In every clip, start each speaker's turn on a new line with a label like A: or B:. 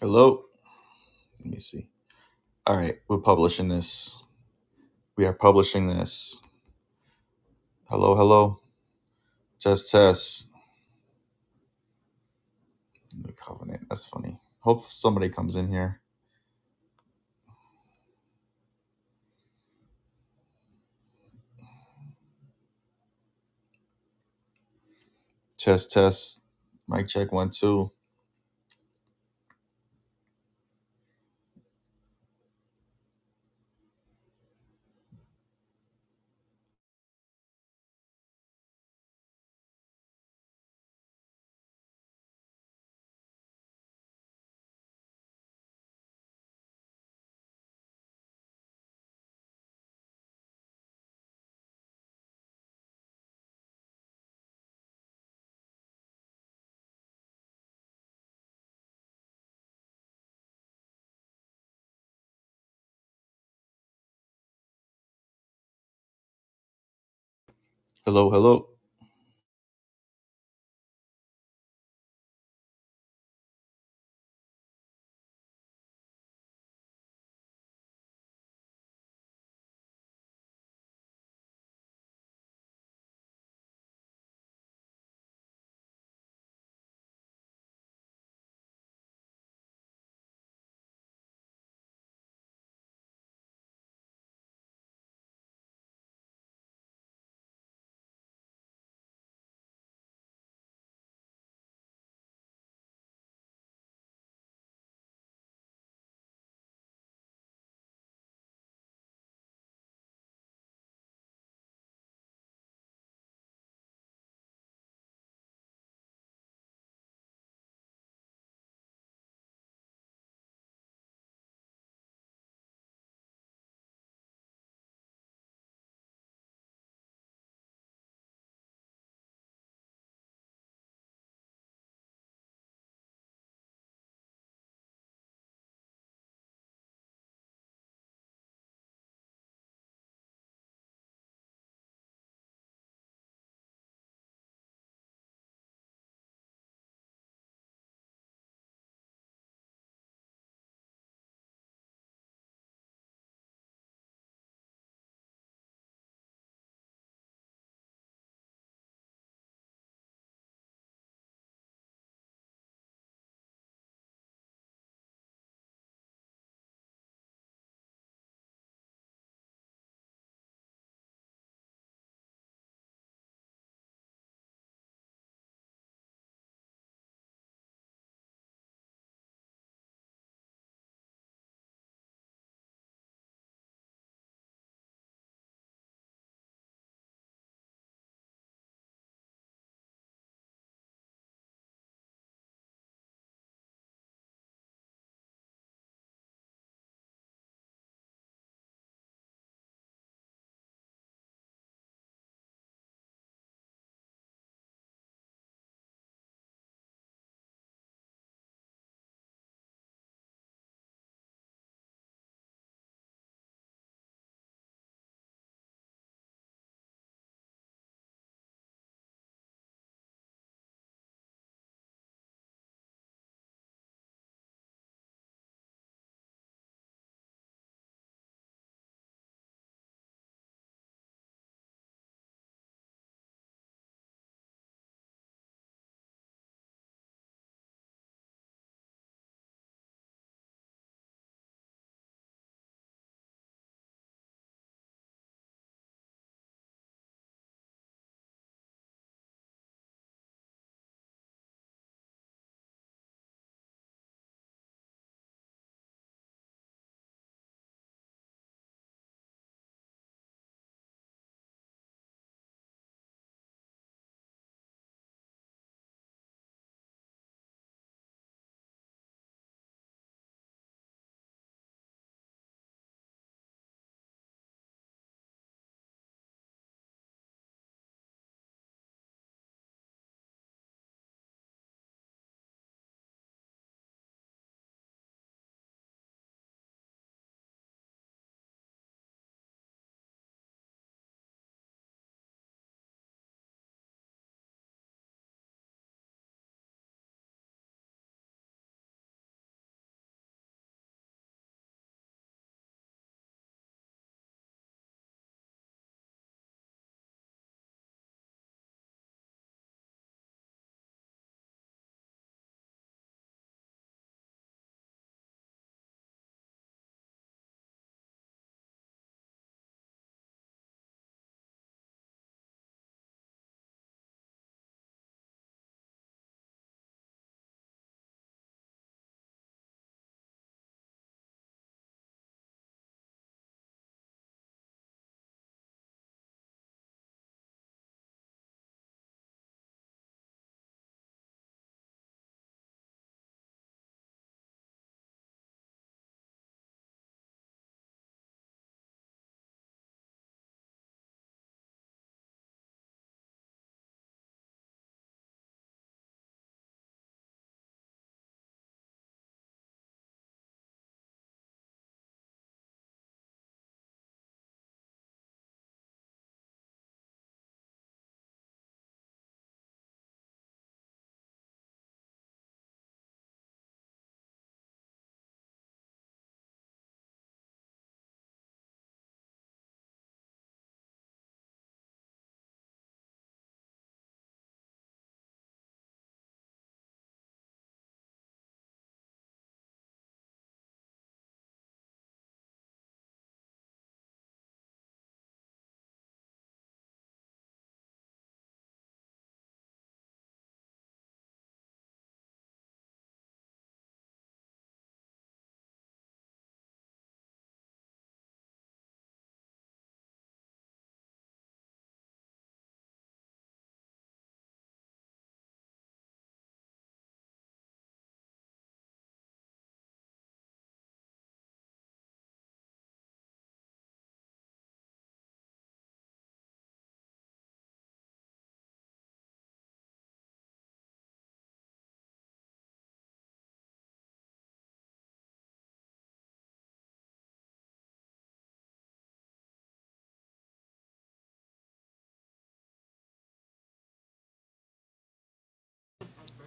A: Hello. Let me see. All right, we're publishing this. We are publishing this. Hello, hello. Test, test. New covenant. That's funny. Hope somebody comes in here. Test, test. Mic check one, two. Hello, hello.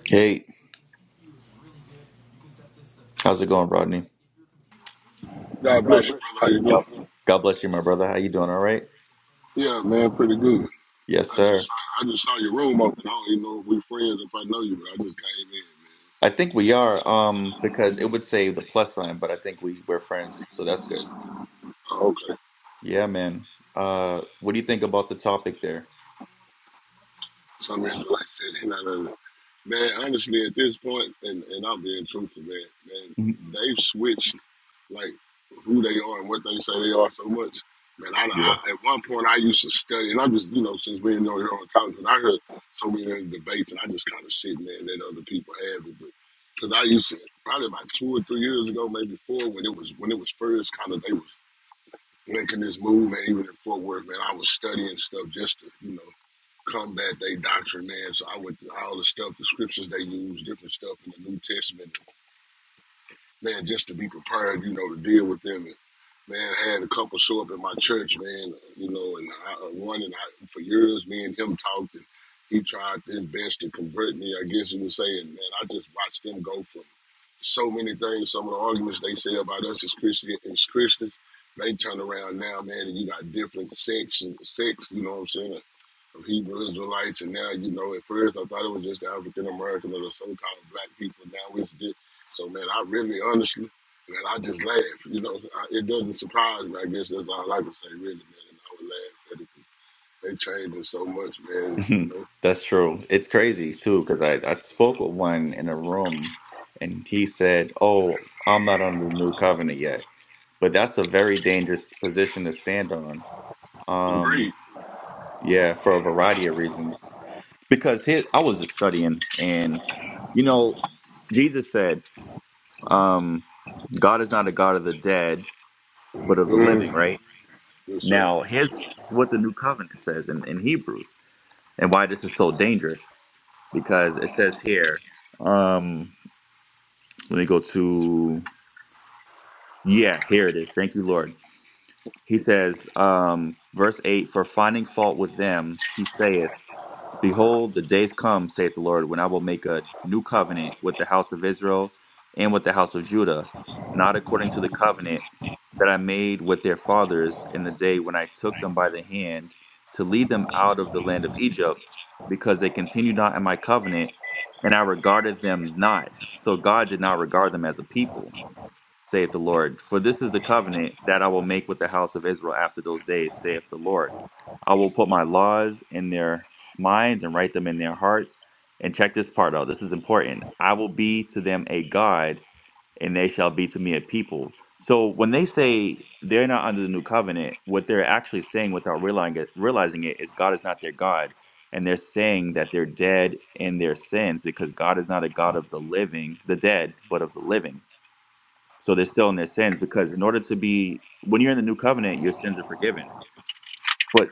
A: Hey, how's it going, Rodney?
B: God bless you,
A: Robert.
B: brother. How you doing?
A: God, God bless you, my brother. How you doing? All right.
B: Yeah, man, pretty good.
A: Yes,
B: I just
A: sir.
B: I just saw your room open. I don't even know if we friends if I know you, but I just came in, man.
A: I think we are. Um, because it would say the plus sign, but I think we we're friends, so that's good.
B: Oh, okay.
A: Yeah, man. Uh, what do you think about the topic there?
B: Some reason like I said, he not in Man, honestly, at this point, and, and I'm being truthful, man, man, they've switched like who they are and what they say they are so much. Man, I,
A: Mhm.
B: I at one point I used to study, and I'm just you know since we've on here on college, and I heard so many other debates, and I just kind of sit there and let other people have it, but because I used to probably about two or three years ago, maybe four, when it was when it was first kind of they was making this move, and even in Fort Worth, man, I was studying stuff just to, you know, combat their doctrine, man. So I went through all the stuff, the scriptures they use, different stuff in the New Testament man, just to be prepared, you know, to deal with them. And, man, I had a couple show up at my church, man, you know, and I, uh, one and I, for years, me and him talked, and he tried his best to convert me, I guess he was saying, man, I just watched them go from so many things, some of the arguments they say about us as Christian as Christians, they turn around now, man, and you got different sects, and sects, you know what I'm saying, of Hebrew Israelites, and now, you know, at first I thought it was just the African American or the so-called black people, now it's different so man, I really honestly, man, I just laugh. You know, I, it doesn't surprise me. I guess that's all I can say, really, man. And I would laugh at it. They changing so much, man. You know,
A: That's true. It's crazy too, because I, I spoke with one in a room and he said, Oh, I'm not under the new covenant yet. But that's a very dangerous position to stand on.
B: agreed.
A: Um, yeah, for a variety of reasons. Because here, I was just studying and you know, Jesus said, um, God is not a God of the dead, but of the living,
B: Mm,
A: right?
B: yes, sir.
A: Now here's what the new covenant says in, in Hebrews. and why this is so dangerous because it says here um let me go to yeah here it is thank you lord he says um verse 8 for finding fault with them he saith Behold, the days come, saith the Lord, when I will make a new covenant with the house of Israel and with the house of Judah, not according to the covenant that I made with their fathers in the day when I took them by the hand to lead them out of the land of Egypt, because they continued not in my covenant, and I regarded them not. So God did not regard them as a people saith the Lord. For this is the covenant that I will make with the house of Israel after those days, saith the Lord. I will put my laws in their minds and write them in their hearts. And check this part out. This is important. I will be to them a God, and they shall be to me a people. So when they say they're not under the new covenant, what they're actually saying without realizing it, realizing it is God is not their God. And they're saying that they're dead in their sins because God is not a God of the living, the dead, but of the living. So they're still in their sins because in order to be when you're in the new covenant, your sins are forgiven. But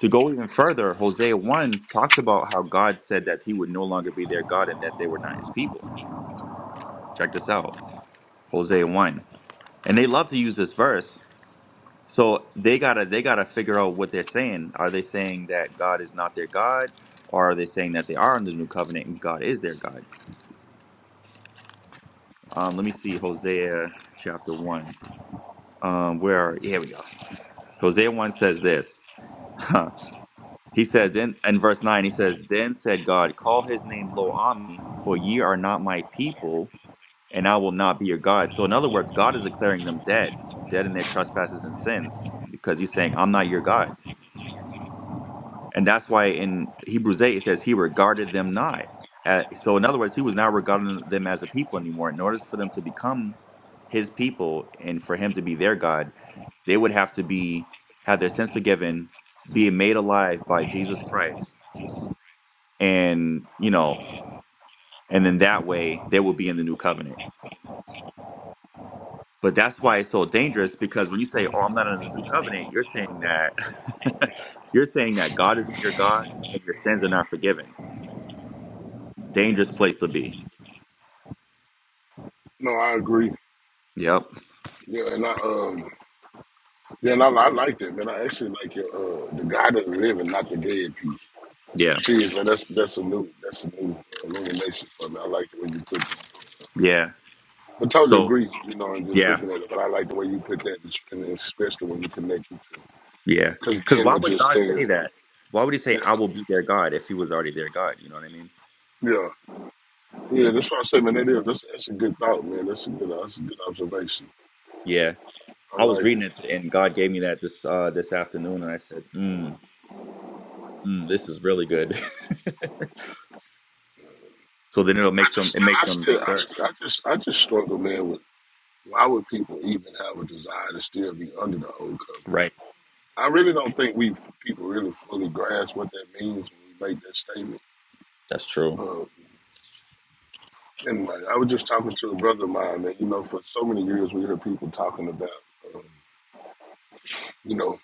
A: to go even further, Hosea 1 talks about how God said that he would no longer be their God and that they were not his people. Check this out. Hosea 1. And they love to use this verse. So they gotta they gotta figure out what they're saying. Are they saying that God is not their God? Or are they saying that they are in the new covenant and God is their God? Um, let me see Hosea chapter one. Um, where are, here we go. Hosea one says this. He says, then in verse 9, he says, Then said God, Call his name Lo Ami, for ye are not my people, and I will not be your God. So, in other words, God is declaring them dead, dead in their trespasses and sins, because he's saying, I'm not your God. And that's why in Hebrews 8, it says, He regarded them not. Uh, so, in other words, he was not regarding them as a people anymore. In order for them to become his people and for him to be their God, they would have to be have their sins forgiven, be made alive by Jesus Christ and you know and then that way they will be in the new covenant but that's why it's so dangerous because when you say oh i'm not in the new covenant you're saying that you're saying that god isn't your god and your sins are not forgiven dangerous place to be
B: No, I agree.
A: yep
B: Yeah, and I um, yeah, and I, I like that, man. I actually like your uh, the God of the living, not the dead piece.
A: yeah
B: Serious, man. That's that's a new that's a new uh, illumination for me. I like the way you put that.
A: yeah
B: But totally
A: so
B: agree, you know, and just
A: yeah
B: looking at it. But I like the way you put that, and especially when you connect it to
A: yeah
B: because
A: because
B: then
A: why
B: what
A: would
B: you're
A: god
B: saying
A: say
B: is
A: that why would he say
B: Yeah,
A: i will be their god if he was already their god you know what i mean
B: yeah, yeah. That's what I say, man. That is that's that's a good thought, man. That's a good that's a good observation.
A: yeah
B: I
A: i was
B: like it.
A: reading it and god gave me that this uh this afternoon and i said mm, mm this is really good So then it'll
B: I
A: make them.
B: just
A: It
B: and
A: makes
B: I
A: them.
B: still I,
A: Sorry.
B: st- I just I just struggle, man. With why would people even have a desire to still be under the old covenant?
A: Right.
B: I really don't think we people really fully grasp what that means when we make that statement.
A: That's true.
B: Um, and like, I was just talking to a brother of mine that you know for so many years we heard people talking about, um, you know,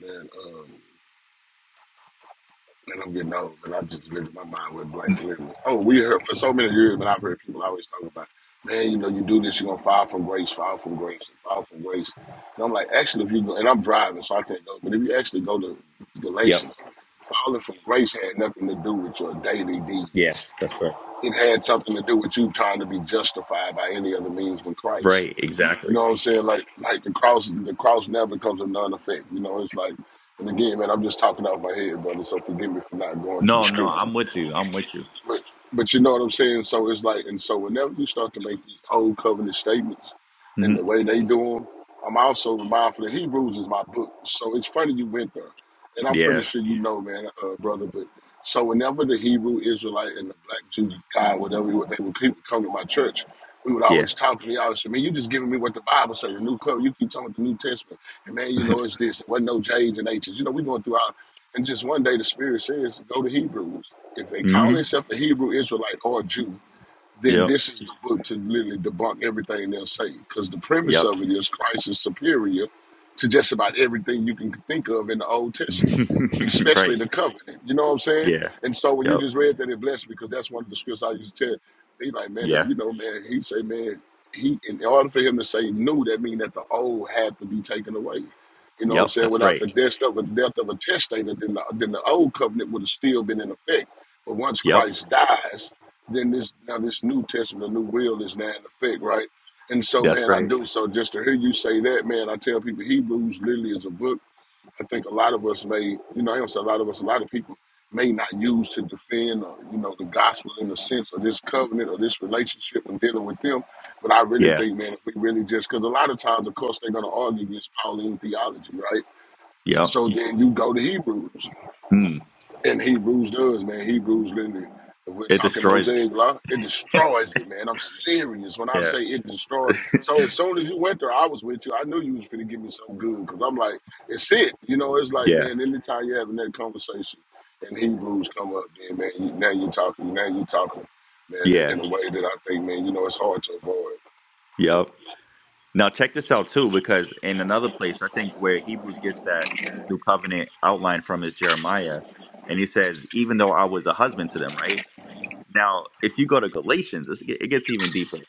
B: man. Um, and I'm getting old, and I just really my mind went blank. Literally. Oh, we heard for so many years, but I've heard people always talk about, man, you know, you do this, you're gonna fall from grace, fall from grace, fall from grace. And I'm like, actually, if you go, and I'm driving, so I can't go, but if you actually go to
A: Yep.
B: Galatians, falling from grace had nothing to do with your daily deeds.
A: Yeah. That's right.
B: It had something to do with you trying to be justified by any other means than Christ.
A: Right.
B: You
A: Exactly.
B: know what I'm saying? Like like the cross the cross never comes a non effect. You know, it's like and again, man, I'm just talking out my head, brother, so forgive me for not going to the
A: No. No.
B: scriptures.
A: I'm with you. I'm with you.
B: But but you know what I'm saying. So it's like, and so whenever you start to make these old covenant statements
A: hmm
B: and the way they do them, I'm also mindful that Hebrews is my book. So it's funny you went there, and I'm pretty
A: Yeah.
B: sure you know, man, uh, brother. But so whenever the Hebrew Israelite and the black Jew guy, whatever what they would people come to my church. We would
A: Yeah.
B: always talk to me. I always say, "Man, you just giving me what the Bible says. The New Covenant. You keep talking about the New Testament, and man, you know it's this. It wasn't no J's and H's. You know, we going through our and just one day the Spirit says, go to Hebrews. If they call
A: hmm
B: themselves a Hebrew Israelite or a Jew, then
A: Yep.
B: this is the book to literally debunk everything they'll say. Because the premise
A: Yep.
B: of it is Christ is superior to just about everything you can think of in the Old Testament, especially
A: right.
B: the covenant. You know what I'm saying?
A: Yeah.
B: And so when you
A: Yep.
B: just read that, it blessed me because that's one of the scripts I used to tell. He like, man,
A: Yeah.
B: you know, man, he say, man, he in order for him to say new, that mean that the old had to be taken away. You know what I'm
A: Yep.
B: saying?
A: That's
B: Without
A: right.
B: the death of a death of a testator, then the, then the old covenant would have still been in effect. But once
A: Yep.
B: Christ dies, then this now this New Testament, the new will is now in effect, right? And so,
A: That's
B: man, I
A: right.
B: do. So just to hear you say that, man, I tell people Hebrews literally is a book. I think a lot of us may, you know, I don't say a lot of us, a lot of people may not use to defend, uh, you know, the gospel in the sense of this covenant or this relationship and dealing with them. But I really
A: Yeah.
B: think, man, if we really just, because a lot of times, of course, they're going to argue against Pauline theology, right?
A: Yep.
B: So then you go to Hebrews.
A: Mm.
B: And Hebrews does, man. Hebrews literally, if we're
A: It
B: talking
A: destroys it.
B: Mosaic law, it destroys it, man. I'm serious when I
A: Yeah.
B: say it destroys. So as soon as you went there, I was with you. I knew you was finna give me something good because I'm like, it's it. You know, it's like,
A: Yeah.
B: man, anytime you're having that conversation and Hebrews come up, then, man, you, now you're talking, now you're talking, man, in,
A: Yeah.
B: in a way that I think, man, you know, it's hard to avoid.
A: Yep. Now check this out too, because in another place, I think where Hebrews gets that new covenant outline from is Jeremiah, and he says, "Even though I was a husband to them," right? Now, if you go to Galatians, it's- it gets even deeper.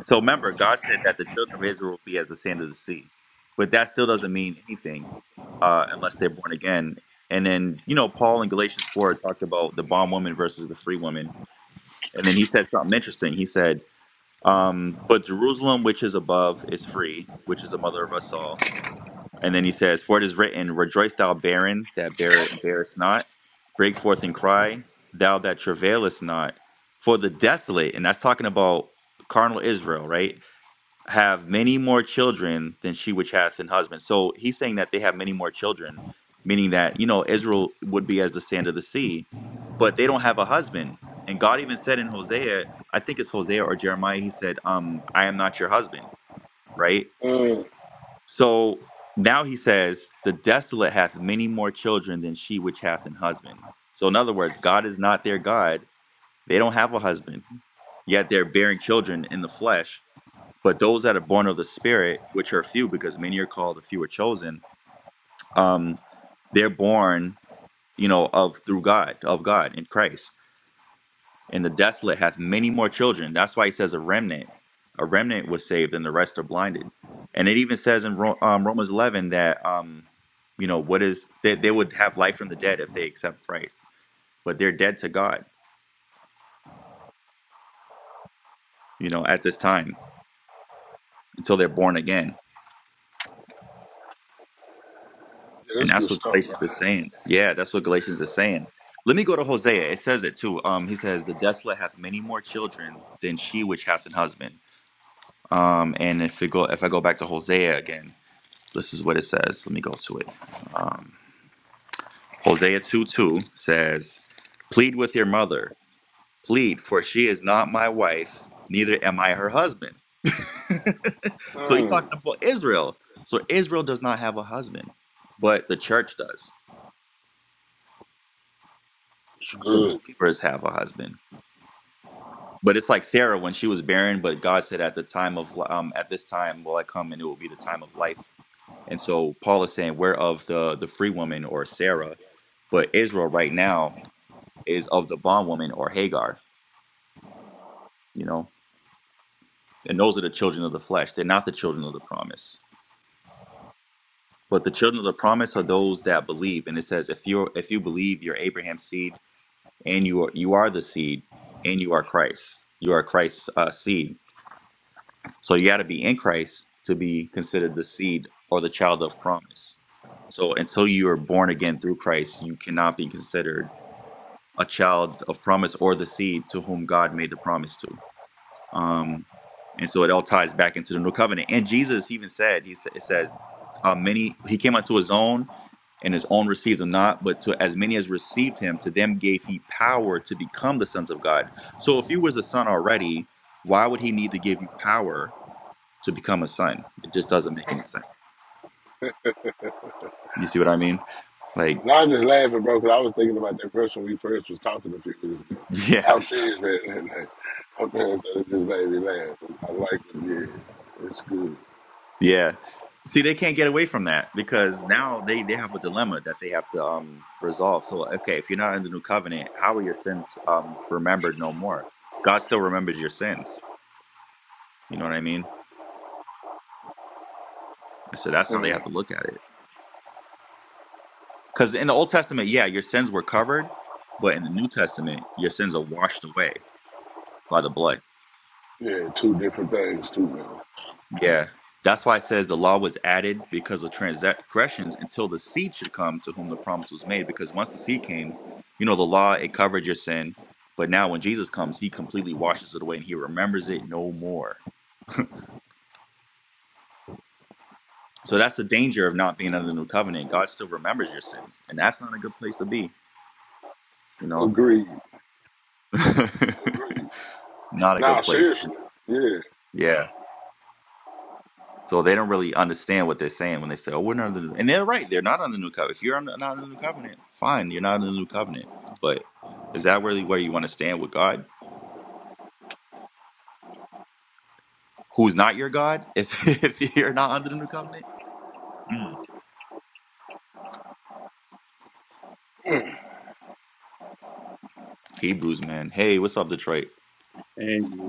A: So remember, God said that the children of Israel will be as the sand of the sea, but that still doesn't mean anything uh, unless they're born again. And then you know, Paul in Galatians four talks about the bondwoman versus the free woman, and then he said something interesting. He said um, but Jerusalem, which is above, is free, which is the mother of us all. And then he says, For it is written, Rejoice, thou barren that bear, bearest not, break forth and cry, thou that travailest not, for the desolate, and that's talking about carnal Israel, right? have many more children than she which hath an husband. So he's saying that they have many more children, meaning that, you know, Israel would be as the sand of the sea, but they don't have a husband. And God even said in Hosea, I think it's Hosea or Jeremiah, he said, um, I am not your husband, right?
B: Mm,
A: So now he says, the desolate hath many more children than she which hath an husband. So in other words, God is not their God. They don't have a husband, yet they're bearing children in the flesh but those that are born of the Spirit, which are few, because many are called, a few are chosen, um, they're born, you know, of through God, of God in Christ. And the desolate hath many more children. That's why he says a remnant. A remnant was saved, and the rest are blinded. And it even says in Ro- um, Romans 11 that, um, you know, what is they, they would have life from the dead if they accept Christ, but they're dead to God, you know, at this time until they're born again
B: yeah,
A: And
B: that's
A: that's
B: good
A: what
B: stuff,
A: Galatians is
B: right?
A: saying. Yeah, that's what Galatians is saying. Let me go to Hosea. It says it too. Um, he says, "The desolate hath many more children than she which hath an husband." Um, and if we go, if I go back to Hosea again, this is what it says. Let me go to it. Um, Hosea two two says, "Plead with your mother, plead, for she is not my wife, neither am I her husband." so he's talking
B: Mm,
A: about Israel. So Israel does not have a husband, but the church does.
B: it's
A: the
B: good.
A: believers have a husband. But it's like Sarah when she was barren, but God said, "At the time of li- um, at this time will I come, and it will be the time of life." And so Paul is saying, we're of the the free woman or Sarah, but Israel right now is of the bondwoman or Hagar." You know, and those are the children of the flesh. They're not the children of the promise. But the children of the promise are those that believe. And it says, "If you if you believe, you're Abraham's seed, and you are you are the seed, and you are Christ. You are Christ's uh, seed." So you got to be in Christ to be considered the seed or the child of promise. So until you are born again through Christ, you cannot be considered a child of promise or the seed to whom God made the promise to. Um, and so it all ties back into the new covenant. And Jesus even said, he sa- it says, uh, many he came unto his own, and his own received him not, but to as many as received him, to them gave he power to become the sons of God. So if he was a son already, why would he need to give you power? to become a son. It just doesn't make any sense. You see what I mean? Like,
B: No, I'm just laughing, bro, because I was thinking about that first when we first was talking a few minutes ago.
A: yeah,
B: I'm serious, man. Like, my parents said it just made me laugh. I like it. Yeah, it's good.
A: yeah. See, they can't get away from that because now they they have a dilemma that they have to um resolve. So, okay, if you're not in the new covenant, how are your sins um remembered no more? God still remembers your sins. You know what I mean? So that's how they
B: Mm.
A: have to look at it. Because in the Old Testament, yeah, your sins were covered, but in the New Testament, your sins are washed away by the blood.
B: Yeah, two different things, too, man.
A: Yeah. That's why it says the law was added because of transgressions until the seed should come to whom the promise was made. Because once the seed came, you know, the law, it covered your sin. But now when Jesus comes, he completely washes it away and he remembers it no more. So that's the danger of not being under the new covenant. God still remembers your sins. And that's not a good place to be, you know?
B: Agreed. Agreed.
A: not a
B: Nah,
A: good place.
B: seriously. Yeah.
A: Yeah. So they don't really understand what they're saying when they say, "Oh, we're not under the," and they're right. They're not under the new covenant. If you're under- not under the new covenant, fine, you're not under the new covenant. But is that really where you want to stand with God, who's not your God, if if you're not under the new covenant? Mm. Hebrews, man. Hey, what's up, Detroit?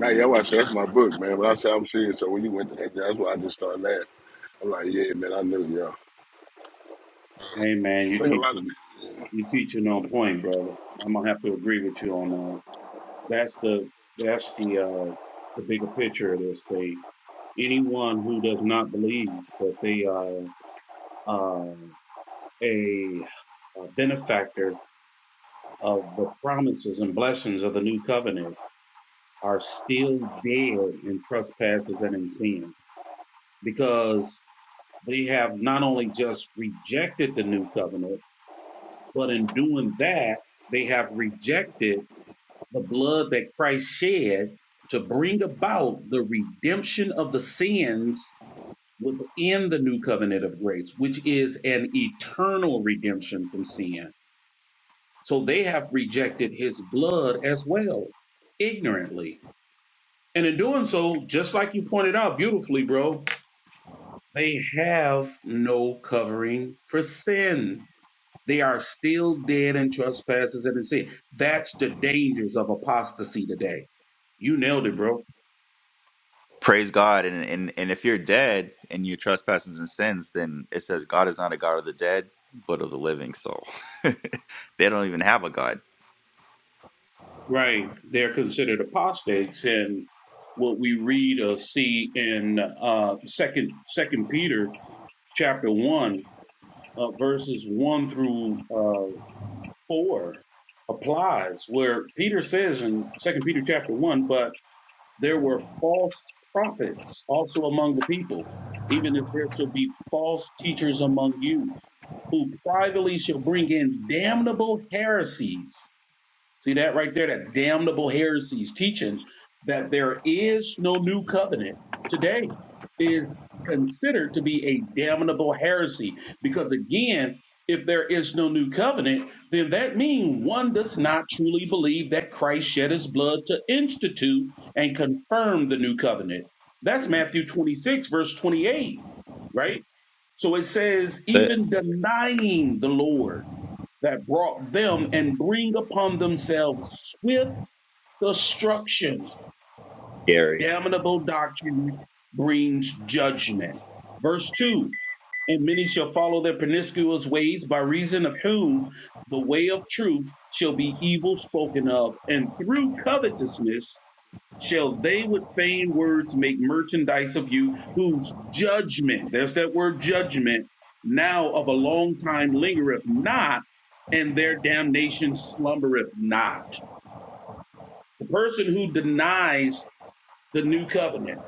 B: Now, yeah, I said that's my book, man. But I said I'm serious. So when you went to that, that's why I just started laughing. I'm like, yeah, man, I knew y'all.
C: Hey man,
B: I
C: you
B: think a lot of
C: teaching you teaching on point, brother. I'm gonna have to agree with you on that. That's the that's the uh the bigger picture of this thing. Anyone who does not believe that they are uh, a, a benefactor of the promises and blessings of the new covenant are still dead in trespasses and in sin because they have not only just rejected the new covenant But in doing that, they have rejected the blood that Christ shed to bring about the redemption of the sins within the new covenant of grace, which is an eternal redemption from sin. So they have rejected his blood as well, ignorantly. And in doing so, just like you pointed out beautifully, bro, they have no covering for sin They are still dead in trespasses and in sin. That's the dangers of apostasy today. You nailed it, bro.
A: Praise God. And and and if you're dead and your trespasses and sins, then it says God is not a God of the dead, but of the living. So they don't even have a God.
C: Right. They're considered apostates and what we read or see in uh second second Peter chapter one, uh, verses one through uh four applies where Peter says in second Peter chapter one, but there were false prophets also among the people, even if there should be false teachers among you who privily shall bring in damnable heresies See that right there, that damnable heresies teaching that there is no new covenant today is considered to be a damnable heresy. Because again, if there is no new covenant, then that means one does not truly believe that Christ shed his blood to institute and confirm the new covenant. That's Matthew 26, verse 28, right? So it says,
A: That's it.
C: even denying the Lord that brought them and bring upon themselves swift destruction.
A: Scary.
C: Damnable doctrine brings judgment. Verse 2 And many shall follow their promiscuous ways, by reason of whom the way of truth shall be evil spoken of, and through covetousness shall they with vain words make merchandise of you, whose judgment, there's that word judgment, now of a long time lingereth not, and their damnation slumbereth not. The person who denies the new covenant,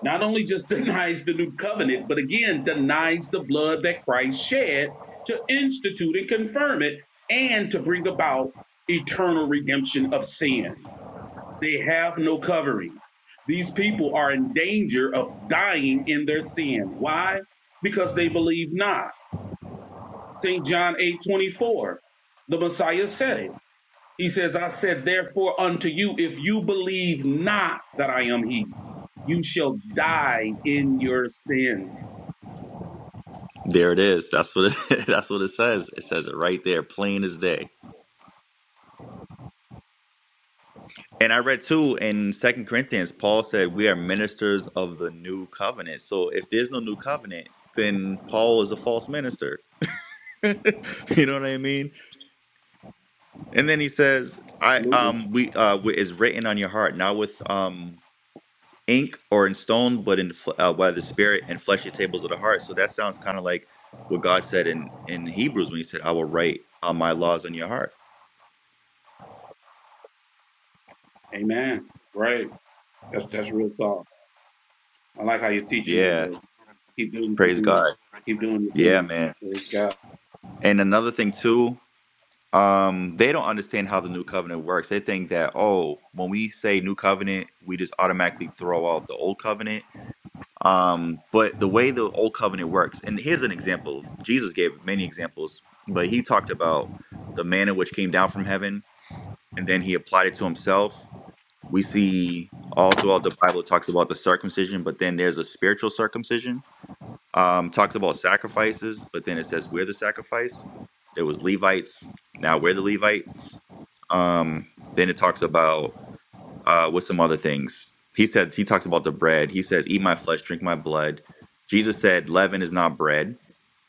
C: not only just denies the new covenant, but again denies the blood that Christ shed to institute and confirm it and to bring about eternal redemption of sins. They have no covering. These people are in danger of dying in their sin. Why? Because they believe not. St. John eight twenty four, The Messiah said it. He says, I said, therefore unto you, if you believe not that I am he, you shall die in your sin.
A: There it is. That's what it, that's what it says. It says it right there, plain as day. And I read too in Second Corinthians, Paul said we are ministers of the new covenant. So if there's no new covenant, then Paul is a false minister. you know what I mean? And then he says, "I
C: Absolutely.
A: um we uh we, is written on your heart, not with um ink or in stone, but in fl- uh, by the Spirit and fleshy tables of the heart." So that sounds kind of like what God said in in Hebrews when He said, "I will write uh, my laws on your heart."
C: Amen. Right. That's, that's real talk. I like how you're teaching that,
A: Yeah,
C: bro. Keep doing what
A: Praise
C: you're doing.
A: God.
C: Keep doing your
A: Yeah,
C: thing.
A: man.
C: Praise God.
A: And another thing too, um, they don't understand how the new covenant works. They think that oh, when we say new covenant, we just automatically throw out the old covenant. Um, but the way the old covenant works, and here's an example. Jesus gave many examples, but he talked about the manna which came down from heaven, and then he applied it to himself. We see all throughout the Bible it talks about the circumcision, but then there's a spiritual circumcision um, talks about sacrifices, but then it says we're the sacrifice. There was Levites. Now we're the Levites. Um, then it talks about uh, what's some other things. He said he talks about the bread. He says, "Eat my flesh, drink my blood." Jesus said, "Leaven is not bread."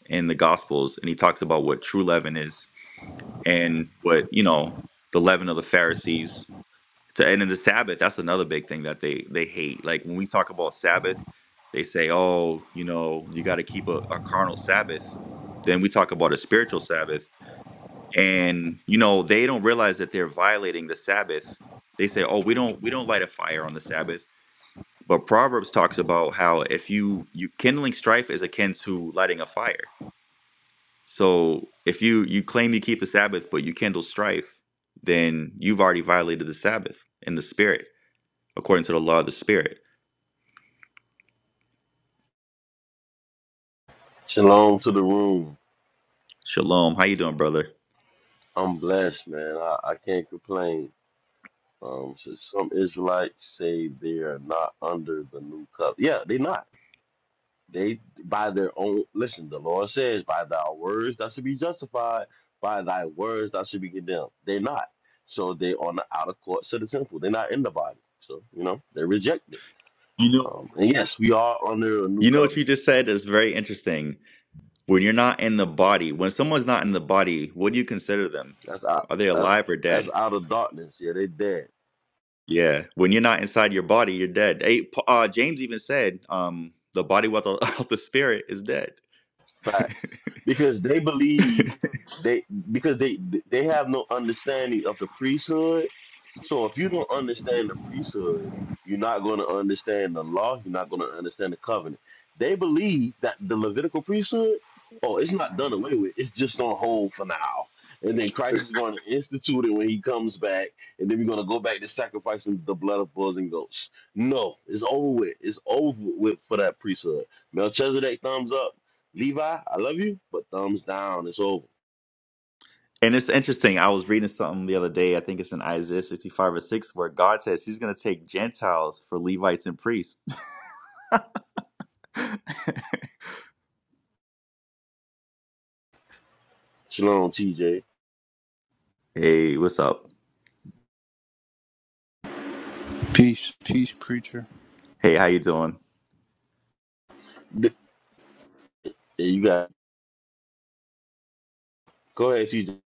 A: In the Gospels, and he talks about what true leaven is and what you know the leaven of the Pharisees so, and then the Sabbath, that's another big thing that they they hate. Like when we talk about Sabbath, they say, "Oh, you know, you got to keep a, a carnal Sabbath." Then we talk about a spiritual Sabbath, and you know they don't realize that they're violating the Sabbath. They say, "Oh, we don't we don't light a fire on the Sabbath." But Proverbs talks about how if you you kindling strife is akin to lighting a fire. So if you you claim you keep the Sabbath but you kindle strife, then you've already violated the Sabbath in the spirit according to the law of the spirit.
D: Shalom to the room.
A: Shalom. How you doing, brother?
D: I'm blessed, man. I, I can't complain. Um, so some Israelites say they are not under the new covenant. Yeah, they not. They by their own. Listen, the Lord says, "By thy words thou should be justified; by thy words thou should be condemned." They're not. So they are on the outer courts of the temple. They're not in the body. So you know they're rejected.
A: You know,
D: Um, and yes, we are under a new
A: You know what you
D: covenant.
A: just said is very interesting. When you're not in the body, when someone's not in the body, what do you consider them?
D: That's out.
A: Are they
D: That's
A: alive or
D: that's
A: dead?
D: out of darkness. Yeah, they dead.
A: Yeah. When you're not inside your body, you're dead. Hey, Pa- uh, James even said, um, the body without the spirit is dead.
D: Facts. Because they
A: and
D: believe they because they they have no understanding of the priesthood. So if you don't understand the priesthood, you're not going to understand the law, you're not going to understand the covenant. They believe that the Levitical priesthood, oh, it's not done away with. It's just on hold for now. And then Christ is going to institute it when he comes back, and then we're going to go back to sacrificing the blood of bulls and goats. No, it's over with. It's over with for that priesthood. Melchizedek thumbs up. Levi, I love you, but thumbs down. It's over.
A: it's interesting. I was reading something the other day. I think it's in Isaiah 65 or 6, where God says He's going to take Gentiles for Levites and priests.
D: Shalom, TJ.
A: Hey, what's up?
E: Peace, peace, preacher.
A: Hey, how you doing?
D: Yeah, you got. it. Go ahead, TJ.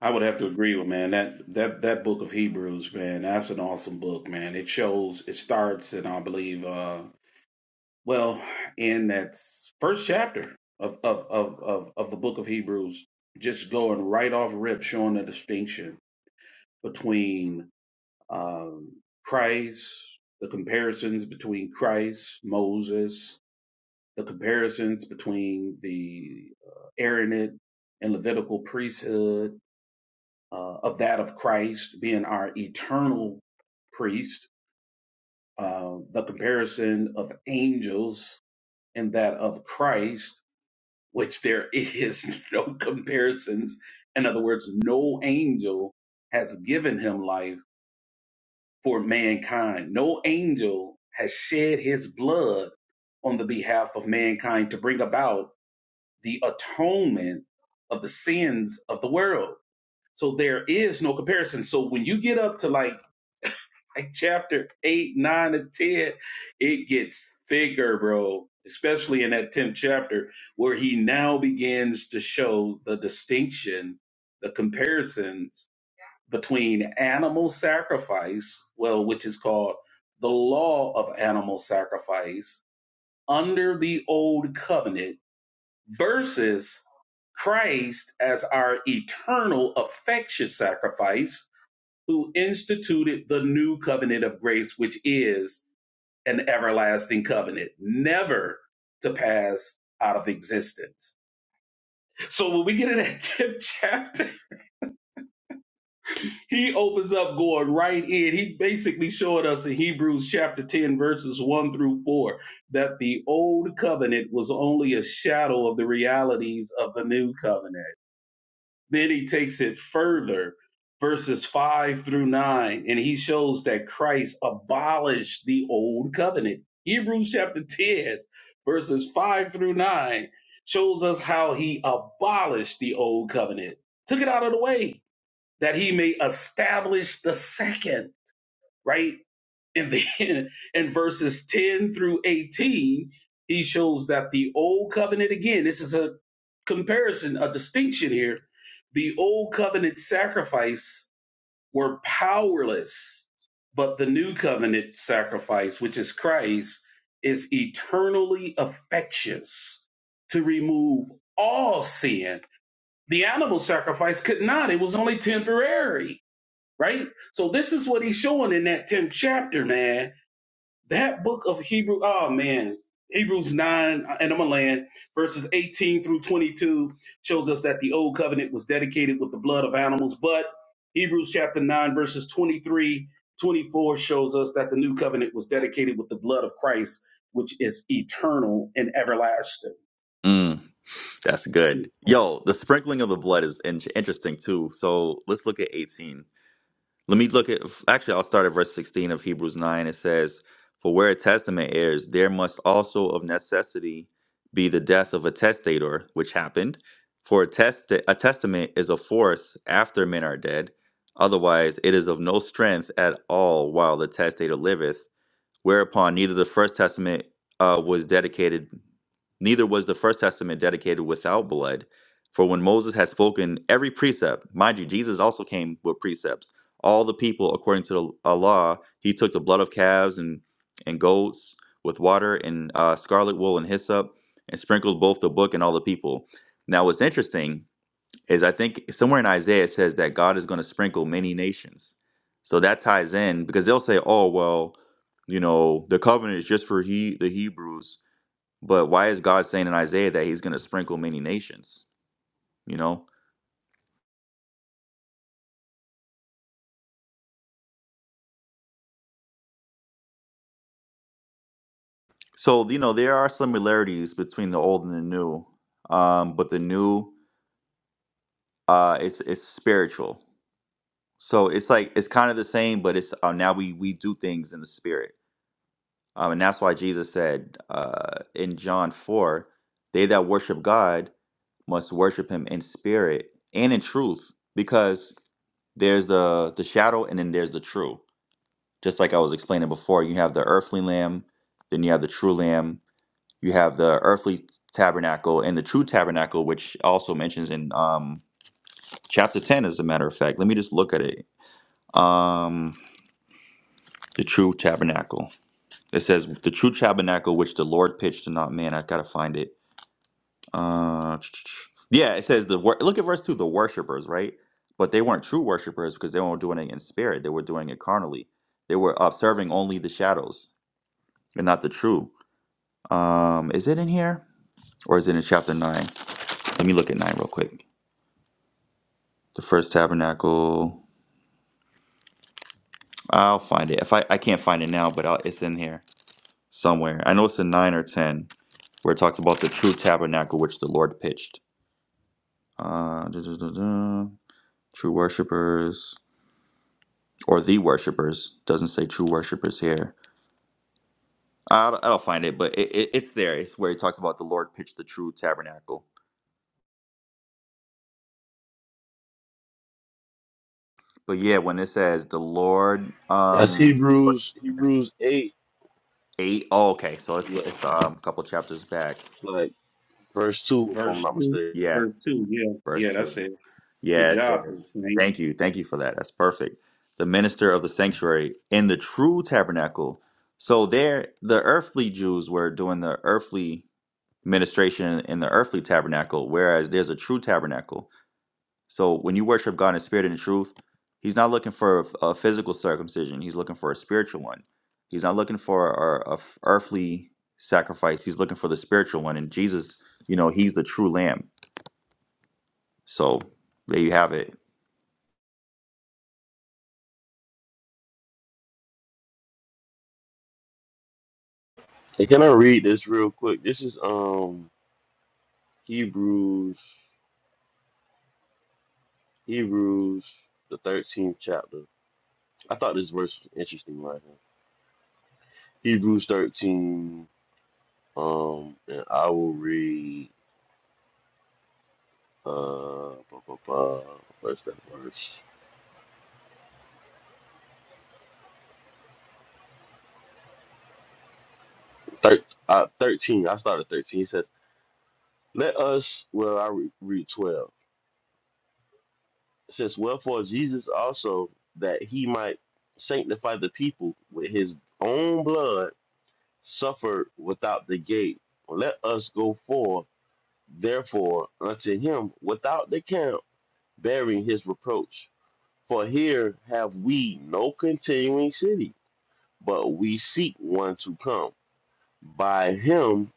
C: I would have to agree with man that that that book of Hebrews, man, that's an awesome book, man. It shows it starts and I believe uh well in that s- first chapter of of of of, of the book of Hebrews, just going right off rip, showing the distinction between um Christ, the comparisons between Christ, Moses, the comparisons between the uh, Aaronate and Levitical priesthood uh, of that of Christ being our eternal priest, uh, the comparison of angels and that of Christ, which there is no comparisons. In other words, no angel has given him life for mankind. No angel has shed his blood on the behalf of mankind to bring about the atonement of the sins of the world. So there is no comparison. So when you get up to like like chapter eight, nine, and ten, it gets thicker, bro. Especially in that tenth chapter, where he now begins to show the distinction, the comparisons between animal sacrifice, well, which is called the law of animal sacrifice under the old covenant, versus Christ as our eternal effectual sacrifice who instituted the new covenant of grace, which is an everlasting covenant, never to pass out of existence. So when we get in that 10th chapter, he opens up going right in. He basically showed us in Hebrews chapter 10, verses 1 through 4, that the old covenant was only a shadow of the realities of the new covenant Then he takes it further, verses 5 through 9, and he shows that Christ abolished the old covenant. Hebrews chapter 10, verses 5 through 9, shows us how he abolished the old covenant, took it out of the way, that he may establish the second, right? And then in verses 10 through 18, he shows that the old covenant, again, this is a comparison, a distinction here. The old covenant sacrifice were powerless, but the new covenant sacrifice, which is Christ, is eternally effectuous to remove all sin. The animal sacrifice could not, it was only temporary, right? So, this is what he's showing in that 10th chapter, man that book of Hebrew, oh man, Hebrews 9 uh, and I'm gonna land, verses 18 through 22 shows us that the old covenant was dedicated with the blood of animals, but Hebrews chapter 9, verses 23, 24 shows us that the new covenant was dedicated with the blood of Christ, which is eternal and everlasting.
A: Mm. That's good. Yo, the sprinkling of the blood is in- interesting too. So let's look at 18. Let me look at, actually, I'll start at verse 16 of Hebrews 9. It says, For where a testament errs, there must also of necessity be the death of a testator, which happened. For a, test- a testament is of force after men are dead. Otherwise, it is of no strength at all while the testator liveth whereupon neither the first testament uh, was dedicated neither was the first testament dedicated without blood for when moses had spoken every precept mind you jesus also came with precepts all the people according to the uh, law he took the blood of calves and and goats with water and uh, scarlet wool and hyssop and sprinkled both the book and all the people now what's interesting is I think somewhere in Isaiah it says that God is going to sprinkle many nations. So that ties in because they'll say, "Oh, well, you know, the covenant is just for he the Hebrews." But why is God saying in Isaiah that he's going to sprinkle many nations, you know? So, you know, there are similarities between the old and the new. Um, but the new uh it's it's spiritual. So it's like it's kind of the same, but it's uh, now we we do things in the spirit Um, and that's why Jesus said uh, in John 4 they that worship God must worship him in spirit and in truth, because there's the, the shadow and then there's the true. Just like I was explaining before, you have the earthly lamb, then you have the true lamb, you have the earthly tabernacle and the true tabernacle, which also mentions in um, chapter 10, as a matter of fact. Let me just look at it. Um, the true tabernacle. It says, the true tabernacle which the Lord pitched and not man. I gotta find it. Uh, yeah, it says the wor- look at verse two, the worshipers, right? But they weren't true worshipers because they weren't doing it in spirit; they were doing it carnally. They were observing only the shadows and not the true. Um, is it in here or is it in chapter nine? Let me look at nine real quick. The first tabernacle. I'll find it. If I I can't find it now, but I'll, it's in here somewhere. I know it's in nine or ten where it talks about the true tabernacle which the Lord pitched. Uh, duh, duh, duh, duh. True worshippers. or the worshipers doesn't say true worshipers here i don't, I don't find it but it, it, it's there it's where it talks about the lord pitched the true tabernacle but yeah when it says the lord
D: That's
A: um
D: Hebrews. Hebrews eight.
A: eight. Oh, okay so it's,
D: Yeah,
A: it's um, a couple chapters back
D: it's like verse two, if I'm
C: Verse
D: not
C: 2,
D: mistaken.
A: yeah
C: verse 2, yeah,
A: verse
C: yeah,
A: two
C: that's it. Good
A: yeah it
C: job,
A: says
C: Saint.
A: thank you thank you for that that's perfect the minister of the sanctuary in the true tabernacle so there the earthly jews were doing the earthly ministration in the earthly tabernacle, whereas there's a true tabernacle. So when you worship God in spirit and in truth, He's not looking for a a physical circumcision. He's looking for a spiritual one. He's not looking for a, a f- earthly sacrifice. He's looking for the spiritual one. And Jesus, you know, He's the true Lamb. So there you have it.
D: Hey, can I read this real quick? This is um Hebrews. Hebrews the thirteenth chapter. I thought this verse was interesting right here. Hebrews thirteen. Um, and I will read. Uh, blah, blah, blah, verse by verse. Thir- uh, 13. I started 13. He says, Let us, well, I re- read 12. It says, Wherefore Jesus also, that he might sanctify the people with his own blood, suffered without the gate. Let us go forth, therefore, unto him without the camp, bearing his reproach. For here have we no continuing city, but we seek one to come. By him,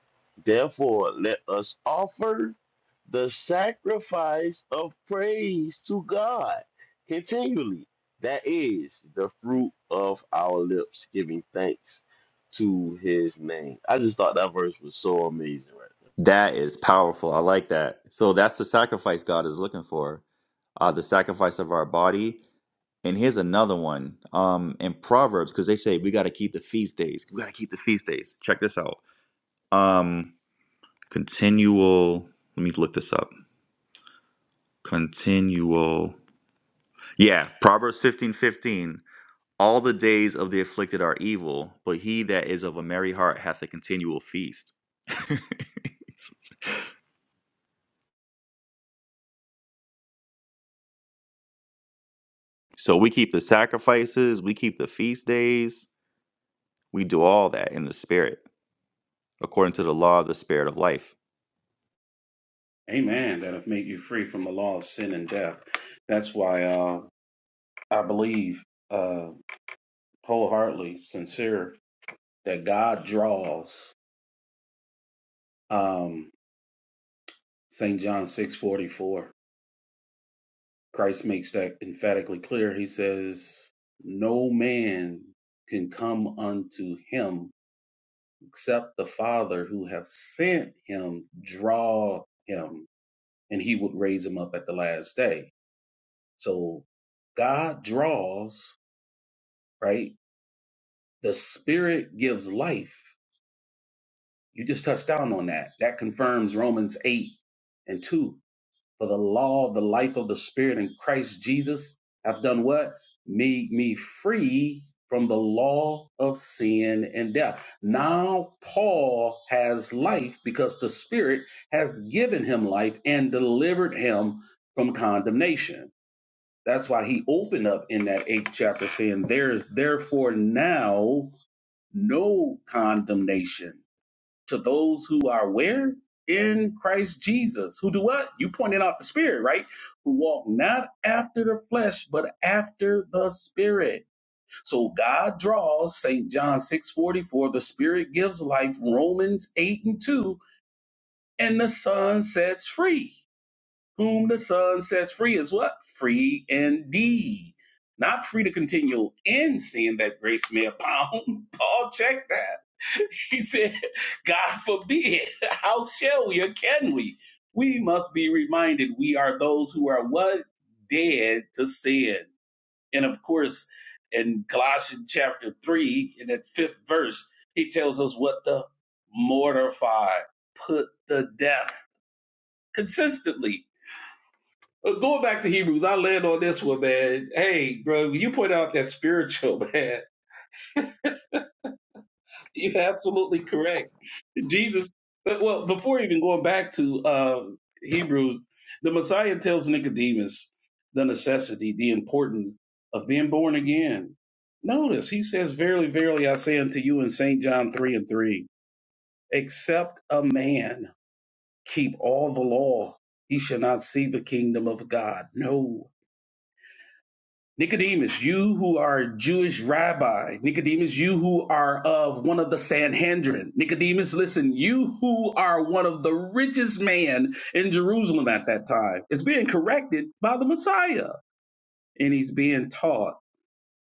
D: therefore, let us offer the sacrifice of praise to God continually. That is the fruit of our lips, giving thanks to his name. I just thought that verse was so amazing right there.
A: That is powerful. I like that. So that's the sacrifice God is looking for. Uh, the sacrifice of our body And here's another one um, in Proverbs, because they say we got to keep the feast days. We got to keep the feast days. Check this out. Um, continual, let me look this up. Continual. Yeah, Proverbs 15 15. All the days of the afflicted are evil, but he that is of a merry heart hath a continual feast. so we keep the sacrifices, we keep the feast days, we do all that in the spirit, according to the law of the spirit of life.
C: Amen. That have made you free from the law of sin and death. That's why uh, I believe. uh, wholeheartedly sincere that God draws. Um, St. John six forty four. Christ makes that emphatically clear. He says, "No man can come unto Him except the Father who have sent Him draw him, and He would raise him up at the last day." So God draws, right? The Spirit gives life. You just touched down on that. That confirms Romans eight and two For the law of the life of the Spirit in Christ Jesus hath done what? Made me free from the law of sin and death. Now Paul has life because the Spirit has given him life and delivered him from condemnation. That's why he opened up in that eighth chapter saying, There is therefore now no condemnation to those who are where? In Christ Jesus. Who do what? You pointed out the Spirit, right? Who walk not after the flesh, but after the Spirit. So God draws, St. John 6 44. the Spirit gives life, Romans 8 and 2, and the Son sets free. Whom the Son sets free is what? Free indeed. Not free to continue in sin that grace may abound. Paul, check that He said, God forbid. How shall we or can we? We must be reminded we are those who are what? Dead to sin. And of course, in Colossians chapter 3, in that fifth verse, he tells us what to mortify, put to death consistently. But going back to Hebrews, I land on this one, man. Hey, bro, you point out that spiritual, man. You're absolutely correct Jesus. Well, before even going back to uh, Hebrews, the Messiah tells Nicodemus the necessity, the importance of being born again. Notice he says, "Verily, verily, I say unto you," in Saint John three and three, "Except a man keep all the law, he shall not see the kingdom of God." No, Nicodemus, you who are a Jewish rabbi, Nicodemus, you who are of one of the Sanhedrin, Nicodemus, listen, you who are one of the richest man in Jerusalem at that time, is being corrected by the Messiah, and he's being taught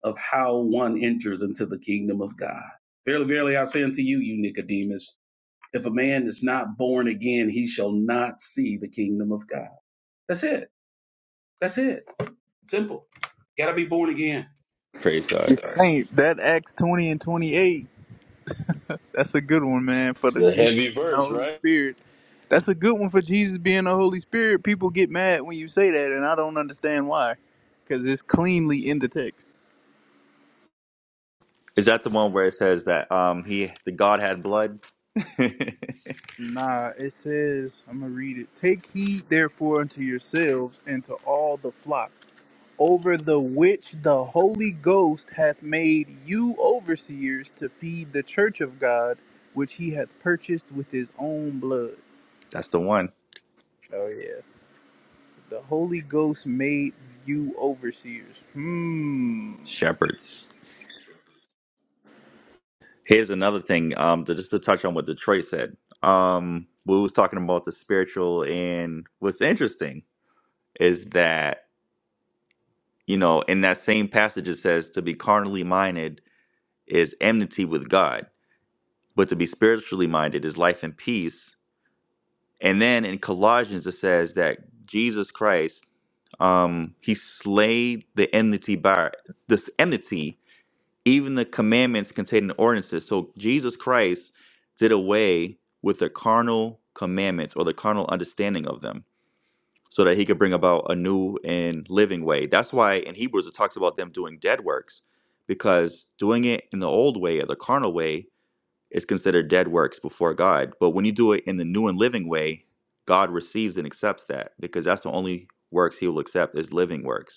C: of how one enters into the kingdom of God. Verily, verily, I say unto you, you Nicodemus, if a man is not born again, he shall not see the kingdom of God. That's it. That's it. Simple. Got to be born again.
A: Praise God.
E: Saint, that Acts 20 and 28, that's a good one, man, for
D: It's
E: the
D: a
E: Jesus
D: heavy
E: being the
D: verse,
E: Holy
D: right?
E: Spirit. That's a good one for Jesus being the Holy Spirit. People get mad when you say that, and I don't understand why, because it's cleanly in the text.
A: Is that the one where it says that um he the God had blood?
E: Nah, it says, I'm going to read it. Take heed, therefore, unto yourselves and to all the flock. over the which the Holy Ghost hath made you overseers to feed the church of God, which he hath purchased with his own blood.
A: That's the one.
E: Oh, yeah. The Holy Ghost made you overseers. Hmm.
A: Shepherds. Here's another thing. Um, to, just to touch on what Detroit said. Um, we was talking about the spiritual, and what's interesting is that you know in that same passage it says to be carnally minded is enmity with God, but to be spiritually minded is life and peace. And then in Colossians it says that Jesus Christ um he slayed the enmity by this enmity even the commandments contained in ordinances so jesus christ did away with the carnal commandments or the carnal understanding of them so that he could bring about a new and living way that's why in hebrews it talks about them doing dead works because doing it in the old way or the carnal way is considered dead works before god but when you do it in the new and living way god receives and accepts that because that's the only works he will accept is living works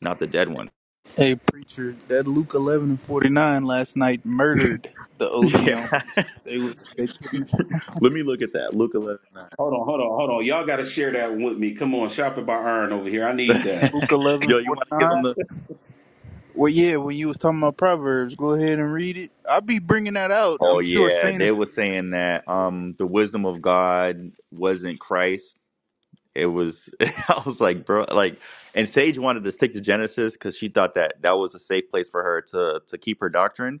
A: not the dead one.
E: Hey, preacher, that Luke 11 and 49 last night murdered the OT on
A: Yeah.
E: They was, they couldn't.
A: Let me look at that. Luke eleven
C: Hold on, hold on, hold on. Y'all got to share that with me. Come on, shop it by Iron over here. I need
A: nine.
C: that.
E: Luke
A: Yo,
E: 11:49.
A: you want to give them the.
E: Well, yeah, when you was talking about Proverbs, go ahead and read it. I'll be bringing that out.
A: Oh,
E: I'm sure
A: yeah.
E: Saint
A: They
E: is
A: were saying that um the wisdom of God wasn't Christ. It was. I was like, bro. Like, and Sage wanted to stick to Genesis because she thought that that was a safe place for her to, to keep her doctrine.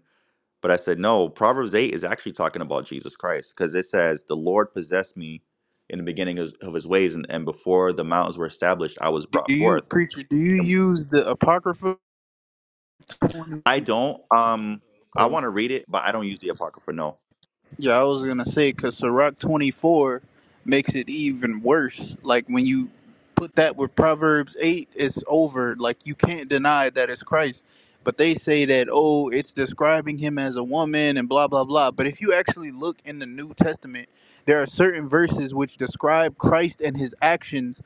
A: But I said, no, Proverbs 8 is actually talking about Jesus Christ because it says, the Lord possessed me in the beginning of, of his ways, and, and before the mountains were established, I was
E: Do
A: brought
E: you
A: forth
E: preacher? Do you use the apocrypha? 20
A: I don't. Um, I
E: Okay.
A: want to read it, but I don't use the apocrypha. No.
E: Yeah, I was gonna say because Sirach twenty four makes it even worse. Like when you put that with Proverbs eight, it's over. Like you can't deny that it's Christ. But they say that oh, it's describing him as a woman and blah blah blah. But if you actually look in the New Testament, there are certain verses which describe Christ and his actions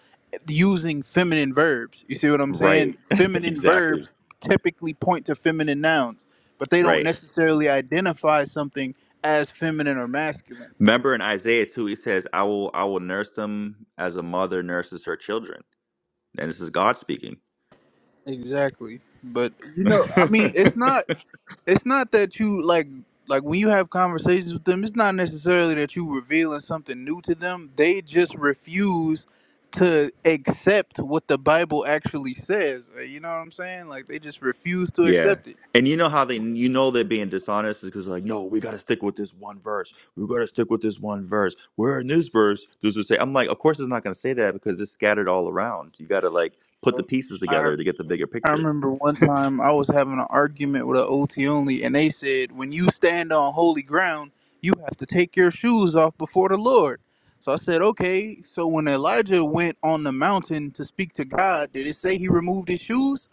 E: using feminine verbs. You see what I'm
A: Right.
E: saying? Feminine
A: exactly.
E: verbs typically point to feminine nouns, but they don't
A: Right.
E: necessarily identify something as feminine or masculine.
A: Remember in Isaiah too, he says, "I will, I will nurse them as a mother nurses her children," and this is God speaking.
E: Exactly. But you know, I mean, it's not it's not that you like like when you have conversations with them, it's not necessarily that you revealing something new to them. They just refuse to accept what the Bible actually says. Uh, You know what I'm saying? Like they just refuse to
A: yeah.
E: accept it.
A: And you know how they, you know they're being dishonest is because like, no, we got to stick with this one verse. We got to stick with this one verse. Where in this verse does it say? I'm like, of course it's not going to say that because it's scattered all around. You got to like put the pieces together to get the bigger
E: I
A: picture.
E: remember one time I was having an argument with an OT only, and they said, when you stand on holy ground, you have to take your shoes off before the Lord. So I said, okay. So when Elijah went on the mountain to speak to God, did it say he removed his shoes?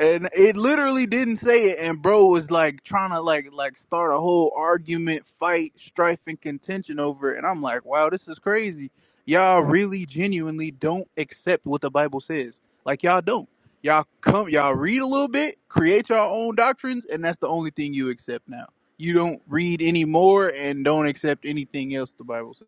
E: and it literally didn't say it and bro was like trying to like like start a whole argument fight strife and contention over it and i'm like wow this is crazy y'all really genuinely don't accept what the bible says like y'all don't y'all come y'all read a little bit create your own doctrines and that's the only thing you accept now you don't read anymore and don't accept anything else the bible says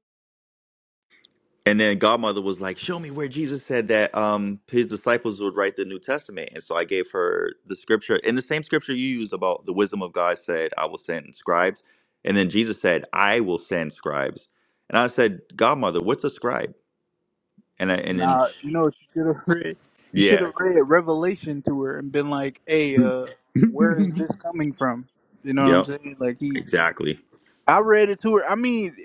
A: And then Godmother was like, "Show me where Jesus said that um his disciples would write the New Testament." And so I gave her the scripture, and the same scripture you used about the wisdom of God said, "I will send scribes," and then Jesus said, "I will send scribes." And I said, "Godmother, what's a scribe?" And I, and then
E: Nah,
A: sh-
E: you know what you should have read? You should
A: yeah,
E: have read Revelation to her and been like, "Hey, uh, where is this coming from?" You know what I'm
A: yep,
E: saying? Like he,
A: exactly,
E: I read it to her. I mean,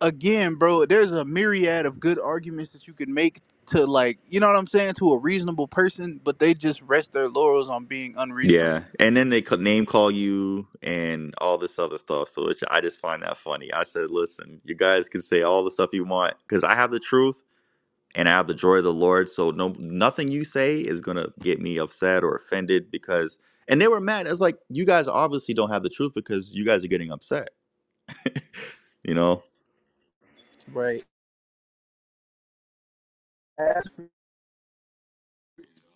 E: again, bro, there's a myriad of good arguments that you could make to like, you know what I'm saying, to a reasonable person, but they just rest their laurels on being
A: yeah.
E: unreasonable.
A: And then they co- name call you and all this other stuff. So it's, I just find that funny. I said, "Listen, you guys can say all the stuff you want because I have the truth." and I have the joy of the Lord. So no, nothing you say is gonna get me upset or offended because. And they were mad. It's like you guys obviously don't have the truth because you guys are getting upset. You know,
E: Right.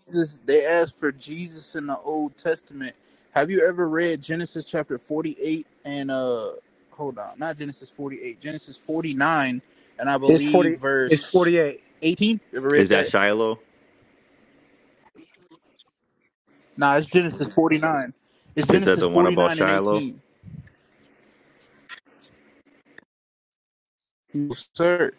E: Jesus, they asked for Jesus in the Old Testament. Have you ever read Genesis chapter 48 and uh hold on, not Genesis 48, Genesis 49 and I
F: It's
E: believe
F: forty. It's
E: verse
F: forty-eight.
E: 18? You ever
A: is
E: read
A: that
E: that?
A: Shiloh?
E: Nah, it's Genesis 49. It's
A: Is that
E: Genesis
A: the one about
E: 49 and
A: Shiloh?
E: 18. No, sir.